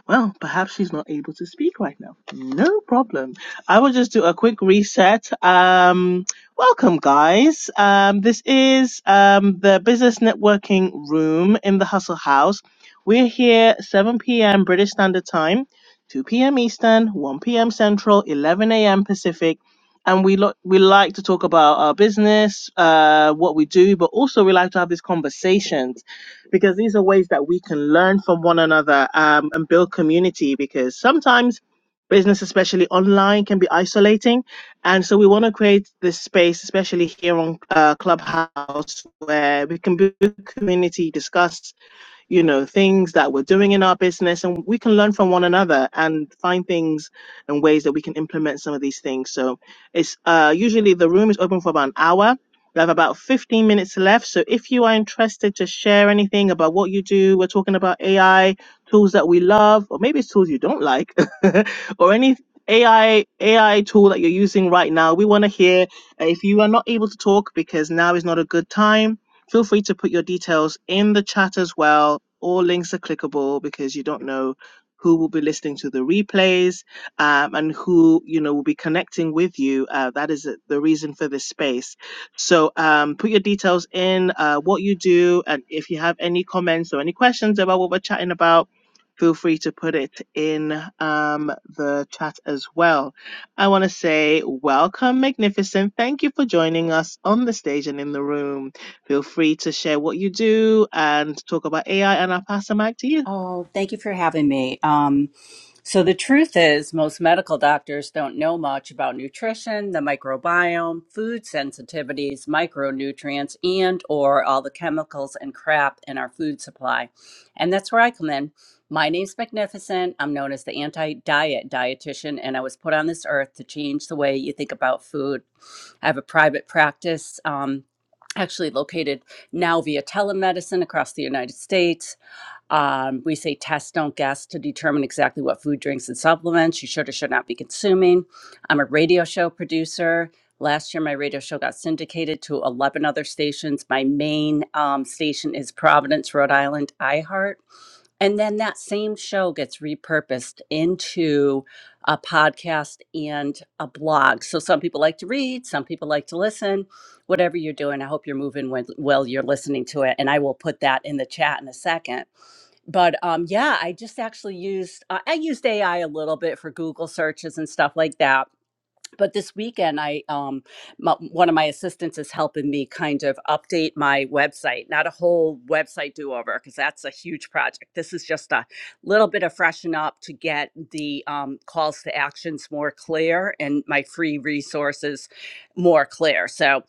Speaker 1: Well, perhaps she's not able to speak right now. No problem. I will just do a quick reset. Um, welcome, guys. Um, this is um, the business networking room in the Hustle House. We're here 7 p.m. British Standard Time, 2 p.m. Eastern, 1 p.m. Central, 11 a.m. Pacific. And we lo- we like to talk about our business, uh, what we do, but also we like to have these conversations because these are ways that we can learn from one another um, and build community because sometimes business especially online can be isolating and so we want to create this space especially here on uh, clubhouse where we can build community discuss you know, things that we're doing in our business and we can learn from one another and find things and ways that we can implement some of these things. So it's uh, usually the room is open for about an hour. We have about 15 minutes left. So if you are interested to share anything about what you do, we're talking about AI, tools that we love, or maybe it's tools you don't like, or any AI AI tool that you're using right now. We want to hear uh, if you are not able to talk because now is not a good time Feel free to put your details in the chat as well. All links are clickable because you don't know who will be listening to the replays um, and who you know will be connecting with you. Uh, that is the reason for this space. So um, put your details in, uh, what you do, and if you have any comments or any questions about what we're chatting about. Feel free to put it in um, the chat as well. I want to say welcome, Magnificent. Thank you for joining us on the stage and in the room. Feel free to share what you do and talk about AI, and I'll pass the mic to you.
Speaker 4: Oh, thank you for having me. Um, so, the truth is, most medical doctors don't know much about nutrition, the microbiome, food sensitivities, micronutrients, and or all the chemicals and crap in our food supply. And that's where I come in. My name's Magnificent. I'm known as the anti-diet dietitian, and I was put on this earth to change the way you think about food. I have a private practice, um, actually located now via telemedicine across the United States. Um, we say test, don't guess to determine exactly what food, drinks, and supplements you should or should not be consuming. I'm a radio show producer. Last year, my radio show got syndicated to 11 other stations. My main um, station is Providence, Rhode Island, iHeart. And then that same show gets repurposed into a podcast and a blog. So some people like to read, some people like to listen. Whatever you're doing, I hope you're moving when, while you're listening to it. And I will put that in the chat in a second but um, yeah, I just actually used uh, I used AI a little bit for Google searches and stuff like that but this weekend i um my, one of my assistants is helping me kind of update my website not a whole website do over because that's a huge project this is just a little bit of freshen up to get the um, calls to actions more clear and my free resources more clear so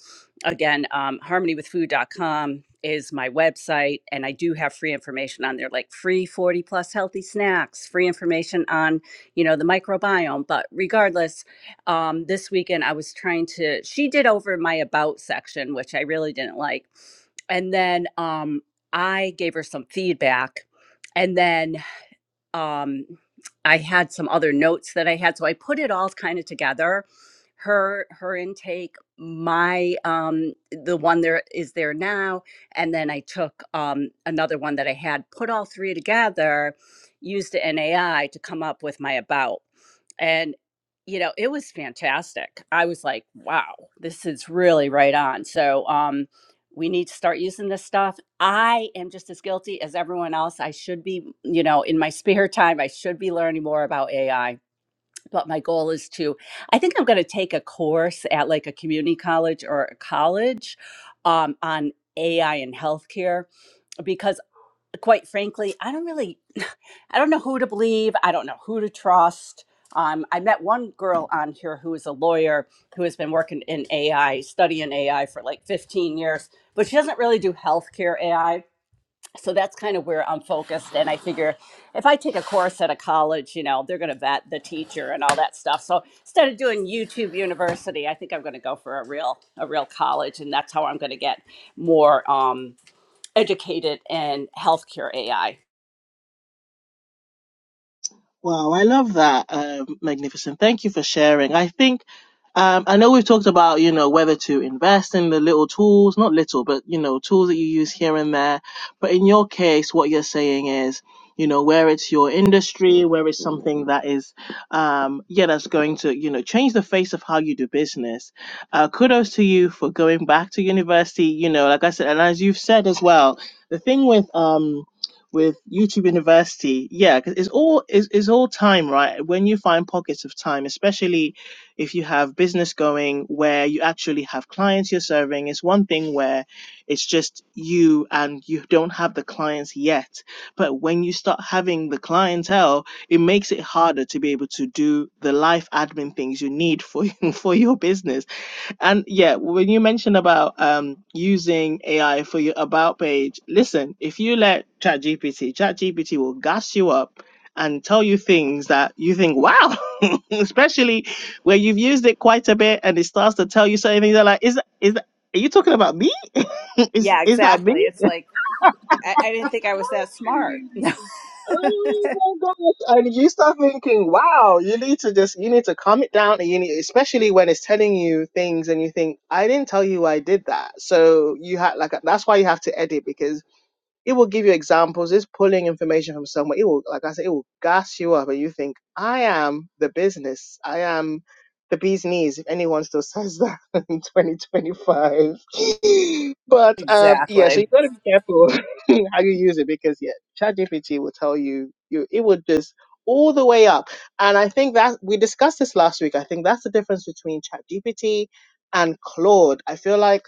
Speaker 4: again um, harmonywithfood.com is my website and i do have free information on there like free 40 plus healthy snacks free information on you know the microbiome but regardless um, this weekend, I was trying to, she did over my about section, which I really didn't like. And then um, I gave her some feedback. And then um, I had some other notes that I had, so I put it all kind of together. Her her intake, my um, the one there is there now, and then I took um, another one that I had, put all three together, used an AI to come up with my about, and you know it was fantastic. I was like, wow, this is really right on. So um, we need to start using this stuff. I am just as guilty as everyone else. I should be, you know, in my spare time, I should be learning more about AI. But my goal is to, I think I'm going to take a course at like a community college or a college um, on AI and healthcare because quite frankly, I don't really, I don't know who to believe. I don't know who to trust. Um, I met one girl on here who is a lawyer who has been working in AI, studying AI for like 15 years, but she doesn't really do healthcare AI. So that's kind of where I'm focused. And I figure if I take a course at a college, you know, they're going to vet the teacher and all that stuff. So instead of doing YouTube University, I think I'm going to go for a real, a real college. And that's how I'm going to get more um, educated in healthcare AI.
Speaker 1: Wow, I love that, um, Magnificent. Thank you for sharing. I think, um, I know we've talked about, you know, whether to invest in the little tools, not little, but, you know, tools that you use here and there. But in your case, what you're saying is, you know, where it's your industry, where it's something that is, um, yeah, that's going to, you know, change the face of how you do business. Uh, kudos to you for going back to university, you know, like I said, and as you've said as well, the thing with, um, with YouTube University, yeah, 'cause it's all it's, it's all time, right? When you find pockets of time, especially if you have business going where you actually have clients you're serving, it's one thing where it's just you and you don't have the clients yet. But when you start having the clientele, it makes it harder to be able to do the life admin things you need for for your business and yeah, when you mentioned about um, using AI for your about page, listen, if you let ChatGPT, ChatGPT will gas you up and tell you things that you think, wow, especially where you've used it quite a bit and it starts to tell you certain things. They're like, is that, is that, are you talking about me? is,
Speaker 4: Yeah,
Speaker 1: is that me?
Speaker 4: exactly. It's like I, I didn't think I was that smart. No,
Speaker 1: Oh my gosh. And you start thinking, wow, you need to just you need to calm it down and you need especially when it's telling you things and you think, I didn't tell you I did that. So you had like that's why you have to edit because it will give you examples, it's pulling information from somewhere. It will like I said, it will gas you up and you think, I am the business. I am the bee's knees, if anyone still says that in 2025 but um, yeah, so
Speaker 4: exactly.
Speaker 1: you got to be careful how you use it because yeah, ChatGPT will tell you you it will just all the way up. And I think that we discussed this last week. I think that's the difference between ChatGPT and Claude. I feel like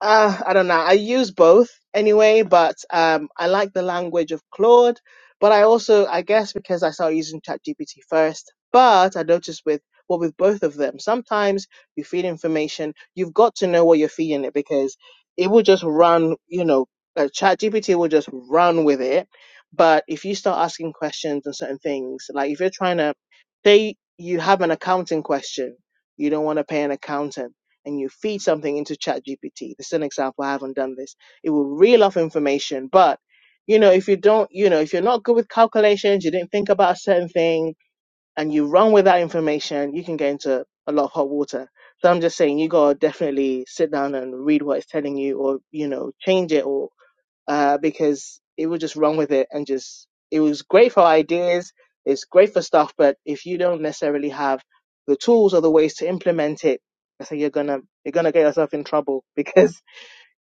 Speaker 1: uh, I don't know. I use both anyway, but um, I like the language of Claude. But I also, I guess, because I started using ChatGPT first. But I noticed with well, with both of them, sometimes you feed information, you've got to know what you're feeding it because it will just run. You know, uh, ChatGPT will just run with it. But if you start asking questions on certain things, like if you're trying to say you have an accounting question, you don't want to pay an accountant and you feed something into ChatGPT. This is an example. I haven't done this. It will reel off information, but you know, if you don't, you know, if you're not good with calculations, you didn't think about a certain thing, and you run with that information, you can get into a lot of hot water. So I'm just saying, you gotta definitely sit down and read what it's telling you, or you know, change it, or uh, because it would just run with it and just it was great for ideas, it's great for stuff, but if you don't necessarily have the tools or the ways to implement it, I think you're gonna you're gonna get yourself in trouble because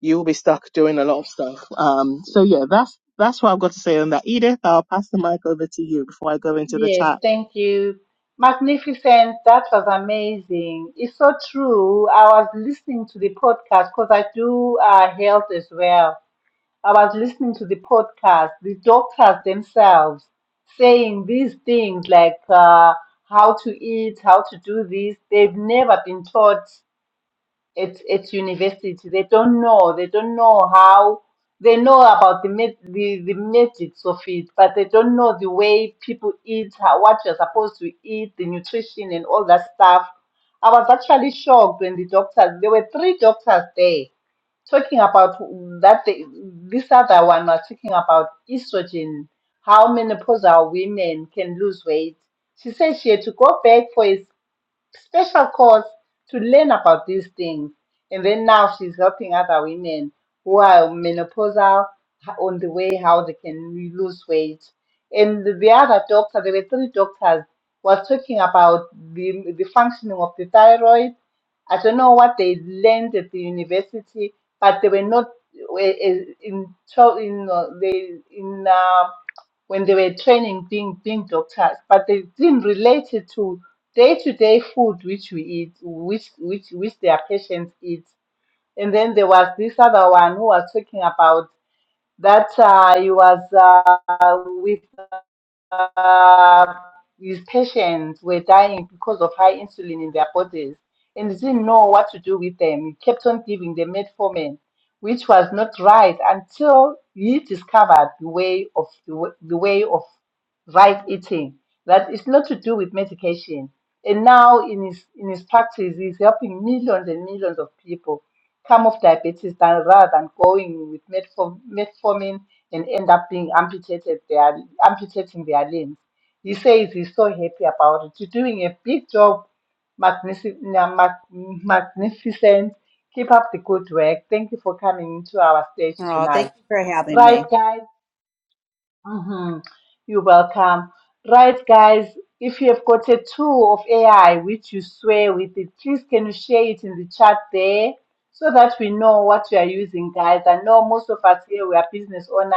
Speaker 1: you will be stuck doing a lot of stuff. Um, so yeah, that's that's what I've got to say on that. Edith, I'll pass the mic over to you before I go into the
Speaker 2: Yes,
Speaker 1: chat.
Speaker 2: thank you. Magnificent. That was amazing. It's so true. I was listening to the podcast because I do uh, health as well. I was listening to the podcast, the doctors themselves saying these things like uh, how to eat, how to do this. They've never been taught at, at university. They don't know. They don't know how. They know about the ma- the, the magics of it, but they don't know the way people eat, how, what you're supposed to eat, the nutrition and all that stuff. I was actually shocked when the doctors. There were three doctors there talking about that. They, this other one was talking about estrogen, how menopausal women can lose weight. She said she had to go back for a special course to learn about these things. And then now she's helping other women who are menopausal h- on the way how they can re- lose weight. And the the other doctor, there were three doctors, was talking about the, the functioning of the thyroid. I don't know what they learned at the university, but they were not uh, uh, in, in, in, uh, they, in um, when they were training being being doctors, but they didn't relate it to day to day food which we eat, which which which their patients eat. And then there was this other one who was talking about that uh, he was uh, with uh, these patients were dying because of high insulin in their bodies and they didn't know what to do with them. He kept on giving them metformin, which was not right until he discovered the way of the, w- the way of right eating. That it's not to do with medication. And now in his in his practice, he's helping millions and millions of people come off diabetes than rather than going with metform- metformin and end up being amputated their amputating their limbs. He says he's so happy about it. You're doing a big job, magnific- na- mag- magnificent. Keep up the good work. Thank you for coming to our stage
Speaker 4: Oh, thank
Speaker 2: tonight.
Speaker 4: you for having
Speaker 2: Right,
Speaker 4: me.
Speaker 2: guys. Mm-hmm. You're welcome. Right, guys, if you have got a tool of AI which you swear with it, please can you share it in the chat there so that we know what you are using, guys? I know most of us here we are business owners.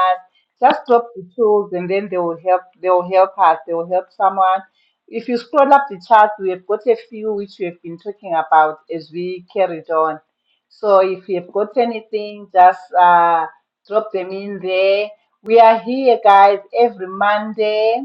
Speaker 2: Just drop the tools and then they will help they will help us, they will help someone. If you scroll up the chat, we have got a few which we have been talking about as we carried on. So if you have got anything, just uh, drop them in there we are here, guys, every Monday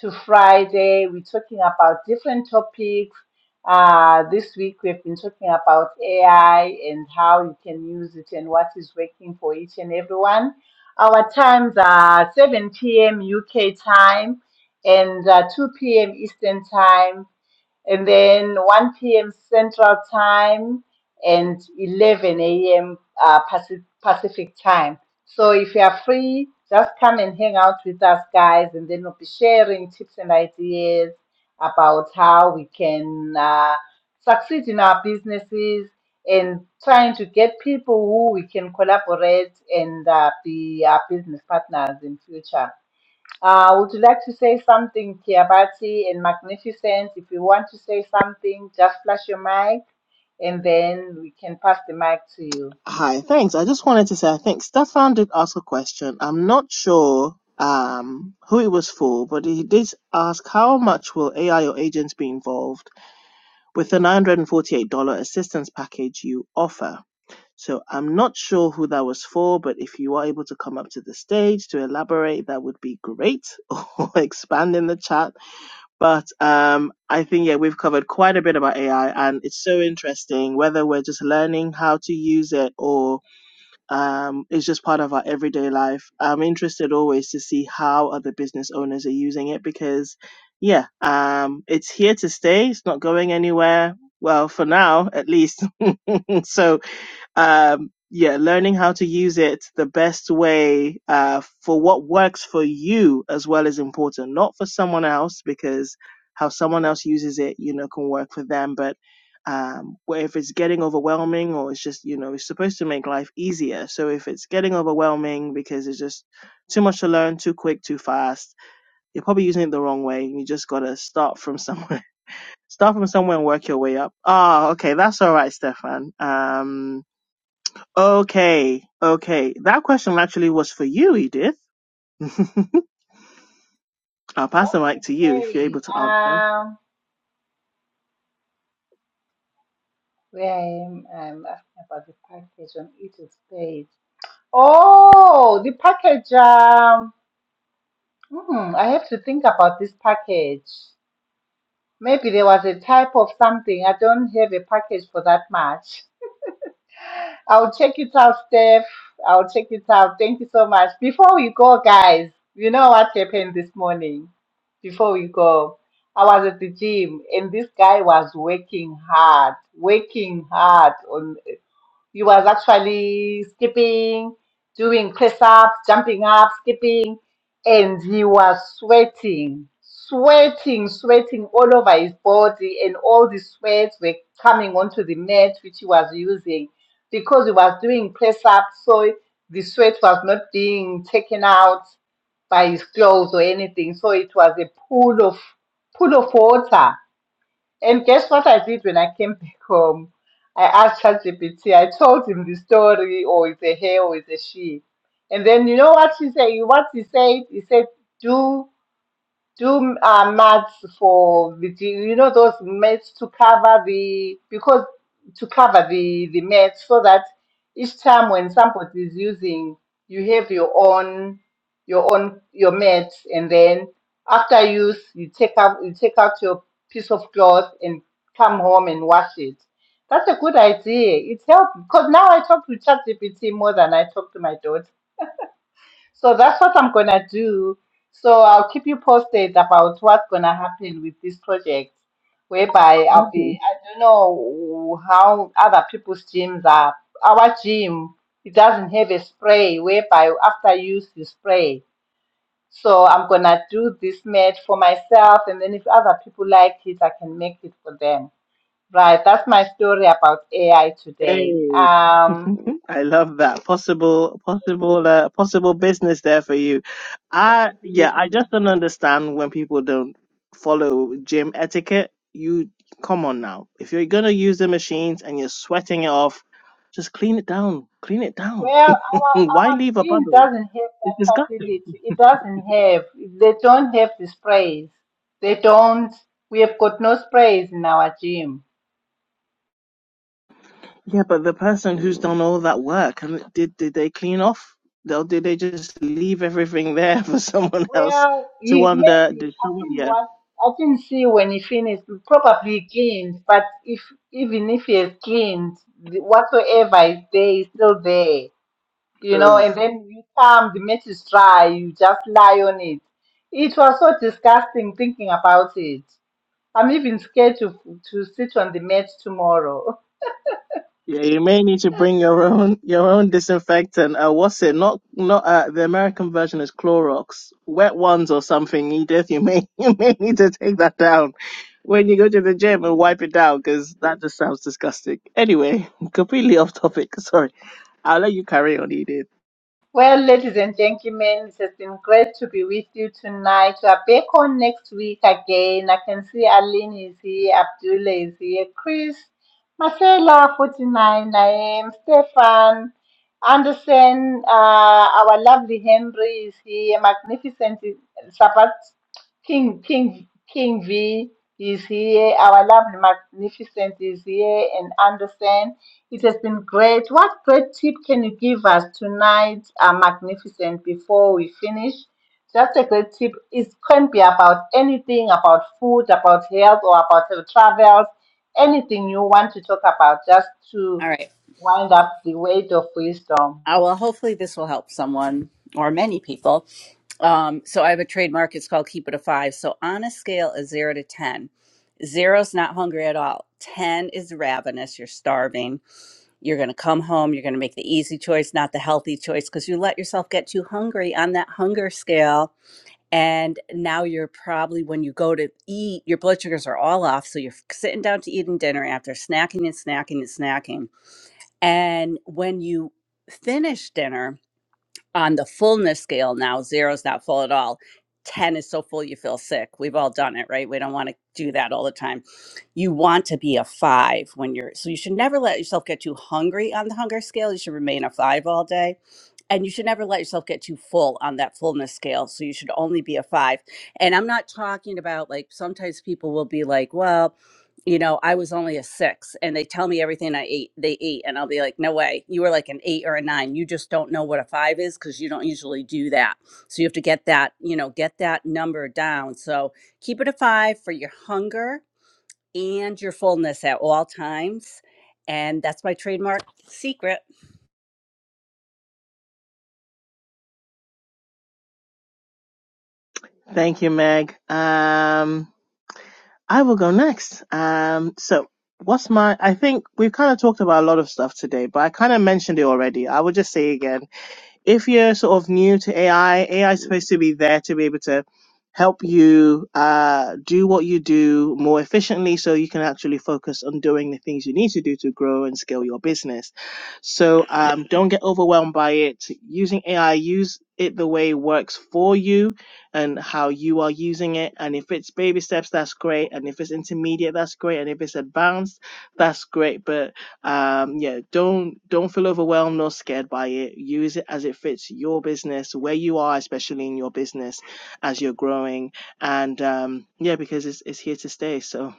Speaker 2: to Friday. We're talking about different topics. Uh, this week, we've been talking about AI and how you can use it and what is working for each and everyone. Our times are 7 p.m. UK time and uh, 2 p.m. Eastern time and then 1 p.m. Central Time and 11 a.m. Uh, Paci- Pacific Time. So if you are free, just come and hang out with us, guys, and then we'll be sharing tips and ideas about how we can uh, succeed in our businesses and trying to get people who we can collaborate and uh, be our business partners in future. Uh, would you like to say something, Kiabati and Magnificent? If you want to say something, just flash your mic and then we can pass the mic to you.
Speaker 1: Hi, thanks. I just wanted to say, I think Stefan did ask a question. I'm not sure um, who it was for, but he did ask how much will AI or agents be involved with the $948 assistance package you offer? So I'm not sure who that was for, but if you are able to come up to the stage to elaborate, that would be great, or expand in the chat But um, I think yeah, we've covered quite a bit about AI, and it's so interesting whether we're just learning how to use it or um, it's just part of our everyday life. I'm interested always to see how other business owners are using it because, yeah, um, it's here to stay. It's not going anywhere. Well, for now, at least. so um, yeah, learning how to use it the best way uh, for what works for you as well is important, not for someone else, because how someone else uses it, you know, can work for them. But um, where if it's getting overwhelming or it's just, you know, it's supposed to make life easier. So if it's getting overwhelming because it's just too much to learn, too quick, too fast, you're probably using it the wrong way. You just got to start from somewhere. Start from somewhere and work your way up. Ah, okay, that's all right, Stefan. Um, Okay, okay. That question actually was for you, Edith. I'll pass
Speaker 2: What
Speaker 1: the mic
Speaker 2: was
Speaker 1: to you if you're able
Speaker 2: saying?
Speaker 1: to answer.
Speaker 2: Um, where I am, I'm asking about the package on it is paid. Oh, the package. Um, hmm, I have to think about this package. Maybe there was a type of something. I don't have a package for that much. I'll check it out, Steph. I'll check it out. Thank you so much. Before we go, guys, you know what happened this morning? Before we go, I was at the gym and this guy was working hard, working hard you was actually skipping, doing press ups, jumping up, skipping, and he was sweating, sweating, sweating all over his body, and all the sweats were coming onto the mat which he was using because he was doing press ups, so the sweat was not being taken out by his clothes or anything, so it was a pool of pool of water and guess what I did when I came back home? I asked ChatGPT. I told him the story, or it's a he, or it's a she. And then you know what he said? What he said? He said, "Do." do uh, mats for the you know those mats to cover the because to cover the the mats so that each time when somebody is using you have your own your own your mat and then after use you take out you take out your piece of cloth and come home and wash it that's a good idea it helps because now i talk to ChatGPT more than i talk to my daughter so that's what I'm gonna do. So I'll keep you posted about what's gonna happen with this project, whereby I'll
Speaker 1: Okay.
Speaker 2: be, I don't know how other people's gyms are. Our gym, it doesn't have a spray whereby after use you spray. So I'm gonna do this mat for myself, and then if other people like it, I can make it for them. Right, that's my story about AI today.
Speaker 1: Hey,
Speaker 2: Um,
Speaker 1: I love that possible, possible, uh, possible business there for you. I yeah, I just don't understand when people don't follow gym etiquette. You come on now, if you're gonna use the machines and you're sweating it off, just clean it down, clean it down.
Speaker 2: Well, our
Speaker 1: Mm, Why
Speaker 2: our
Speaker 1: leave a
Speaker 2: gene
Speaker 1: puddle?
Speaker 2: doesn't have
Speaker 1: It's
Speaker 2: that
Speaker 1: disgusting.
Speaker 2: facility. It doesn't have. They don't have the sprays. They don't. We have got no sprays in our gym.
Speaker 1: Yeah, but the person who's done all that work and did did they clean off? Or did they just leave everything there for someone else
Speaker 2: Well,
Speaker 1: to
Speaker 2: he
Speaker 1: wonder?
Speaker 2: maybe
Speaker 1: Did
Speaker 2: I
Speaker 1: someone?
Speaker 2: think
Speaker 1: Yeah.
Speaker 2: what I didn't see when he finished. He probably cleaned, but if even if he has cleaned, the- whatsoever is there is still there. You know,
Speaker 1: Ugh.
Speaker 2: and then you come, the mat is dry. You just lie on it. It was so disgusting thinking about it. I'm even scared to, to sit on the mat tomorrow.
Speaker 1: Yeah, you may need to bring your own your own disinfectant. Uh, what's it? Not not uh, the American version is Clorox, wet ones or something. Edith, you may you may need to take that down when you go to the gym and wipe it down because that just sounds disgusting. Anyway, completely off topic. Sorry, I'll let you carry on, Edith.
Speaker 2: Well, ladies and gentlemen, it has been great to be with you tonight. We are back on next week again. I can see Aline is here, Abdullah is here, Chris, Marcella, 49, I am, Stefan, Anderson, uh, our lovely Henry is here, magnificent Sabat, King, King, King V is here, our lovely magnificent is here, and Anderson. It has been great. What great tip can you give us tonight, uh, Magnificent, before we finish? Just a great tip. It can be about anything, about food, about health, or about uh, travels, anything you want to talk about, just
Speaker 4: All
Speaker 2: to
Speaker 4: right.
Speaker 2: wind up the weight of wisdom.
Speaker 4: Uh, well, hopefully this will help someone or many people. Um, so I have a trademark. It's called Keep It a Five. So on a scale of zero to ten, zero's not hungry at all. Ten is ravenous. You're starving. You're going to come home. You're going to make the easy choice, not the healthy choice, because you let yourself get too hungry on that hunger scale and now you're probably when you go to eat your blood sugars are all off so you're sitting down to eating dinner after snacking and snacking and snacking and when you finish dinner on the fullness scale now zero is not full at all 10 is so full you feel sick we've all done it right we don't want to do that all the time you want to be a five when you're so you should never let yourself get too hungry on the hunger scale you should remain a five all day and you should never let yourself get too full on that fullness scale. So you should only be a five. And I'm not talking about like sometimes people will be like, well, you know, I was only a six and they tell me everything I ate, they ate. And I'll be like, no way. You were like an eight or a nine. You just don't know what a five is because you don't usually do that. So you have to get that, you know, get that number down. So keep it a five for your hunger and your fullness at all times. And that's my trademark secret.
Speaker 1: Thank you, Meg. Um, I will go next. Um, so what's my? I think we've kind of talked about a lot of stuff today, but I kind of mentioned it already. I will just say again if you're sort of new to AI, AI is supposed to be there to be able to help you uh, do what you do more efficiently so you can actually focus on doing the things you need to do to grow and scale your business. So um, don't get overwhelmed by it. Using AI, use it the way it works for you and how you are using it. And if it's baby steps, that's great. And if it's intermediate, that's great. And if it's advanced, that's great. But um yeah don't don't feel overwhelmed nor scared by it use it as it fits your business where you are especially in your business as you're growing and um yeah because it's, it's here to stay so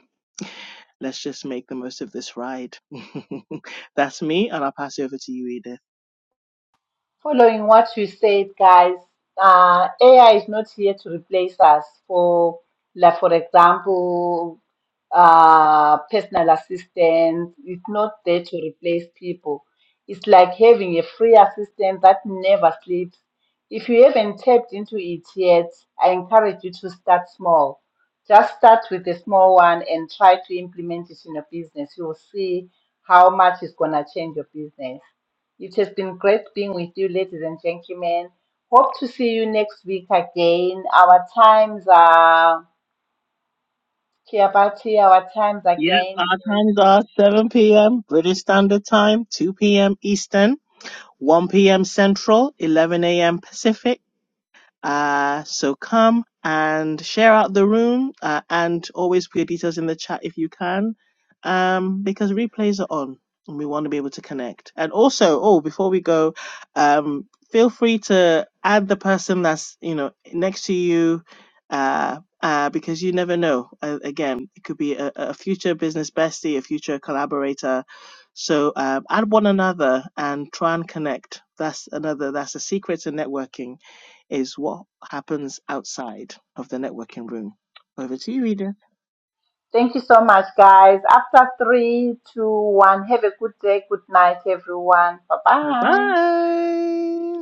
Speaker 1: let's just make the most of this ride that's me and i'll pass it over to you edith
Speaker 2: Following what you said, guys, uh, AI is not here to replace us. For like, for example, uh, personal assistant, it's not there to replace people. It's like having a free assistant that never sleeps. If you haven't tapped into it yet, I encourage you to start small. Just start with a small one and try to implement it in your business. You will see how much it's going to change your business. It has been great being with you, ladies and gentlemen. Hope to see you next week again. Our times are Kiabati, our times
Speaker 1: Yep,
Speaker 2: again.
Speaker 1: our times are 7 p.m. British Standard Time, 2 p.m. Eastern, 1 p.m. Central, 11 a.m. Pacific. Uh, so come and share out the room uh, and always put your details in the chat if you can, um, because replays are on and we want to be able to connect. And also, oh, before we go, um, feel free to add the person that's you know next to you. Uh, uh, because you never know. Uh, again, it could be a, a future business bestie, a future collaborator. So um, add one another and try and connect. That's another. That's a secret to networking is what happens outside of the networking room. Over to you, Eden.
Speaker 2: Thank you so much, guys. After three, two, one, have a good day. Good night, everyone. Bye
Speaker 1: Bye
Speaker 2: bye.
Speaker 1: bye.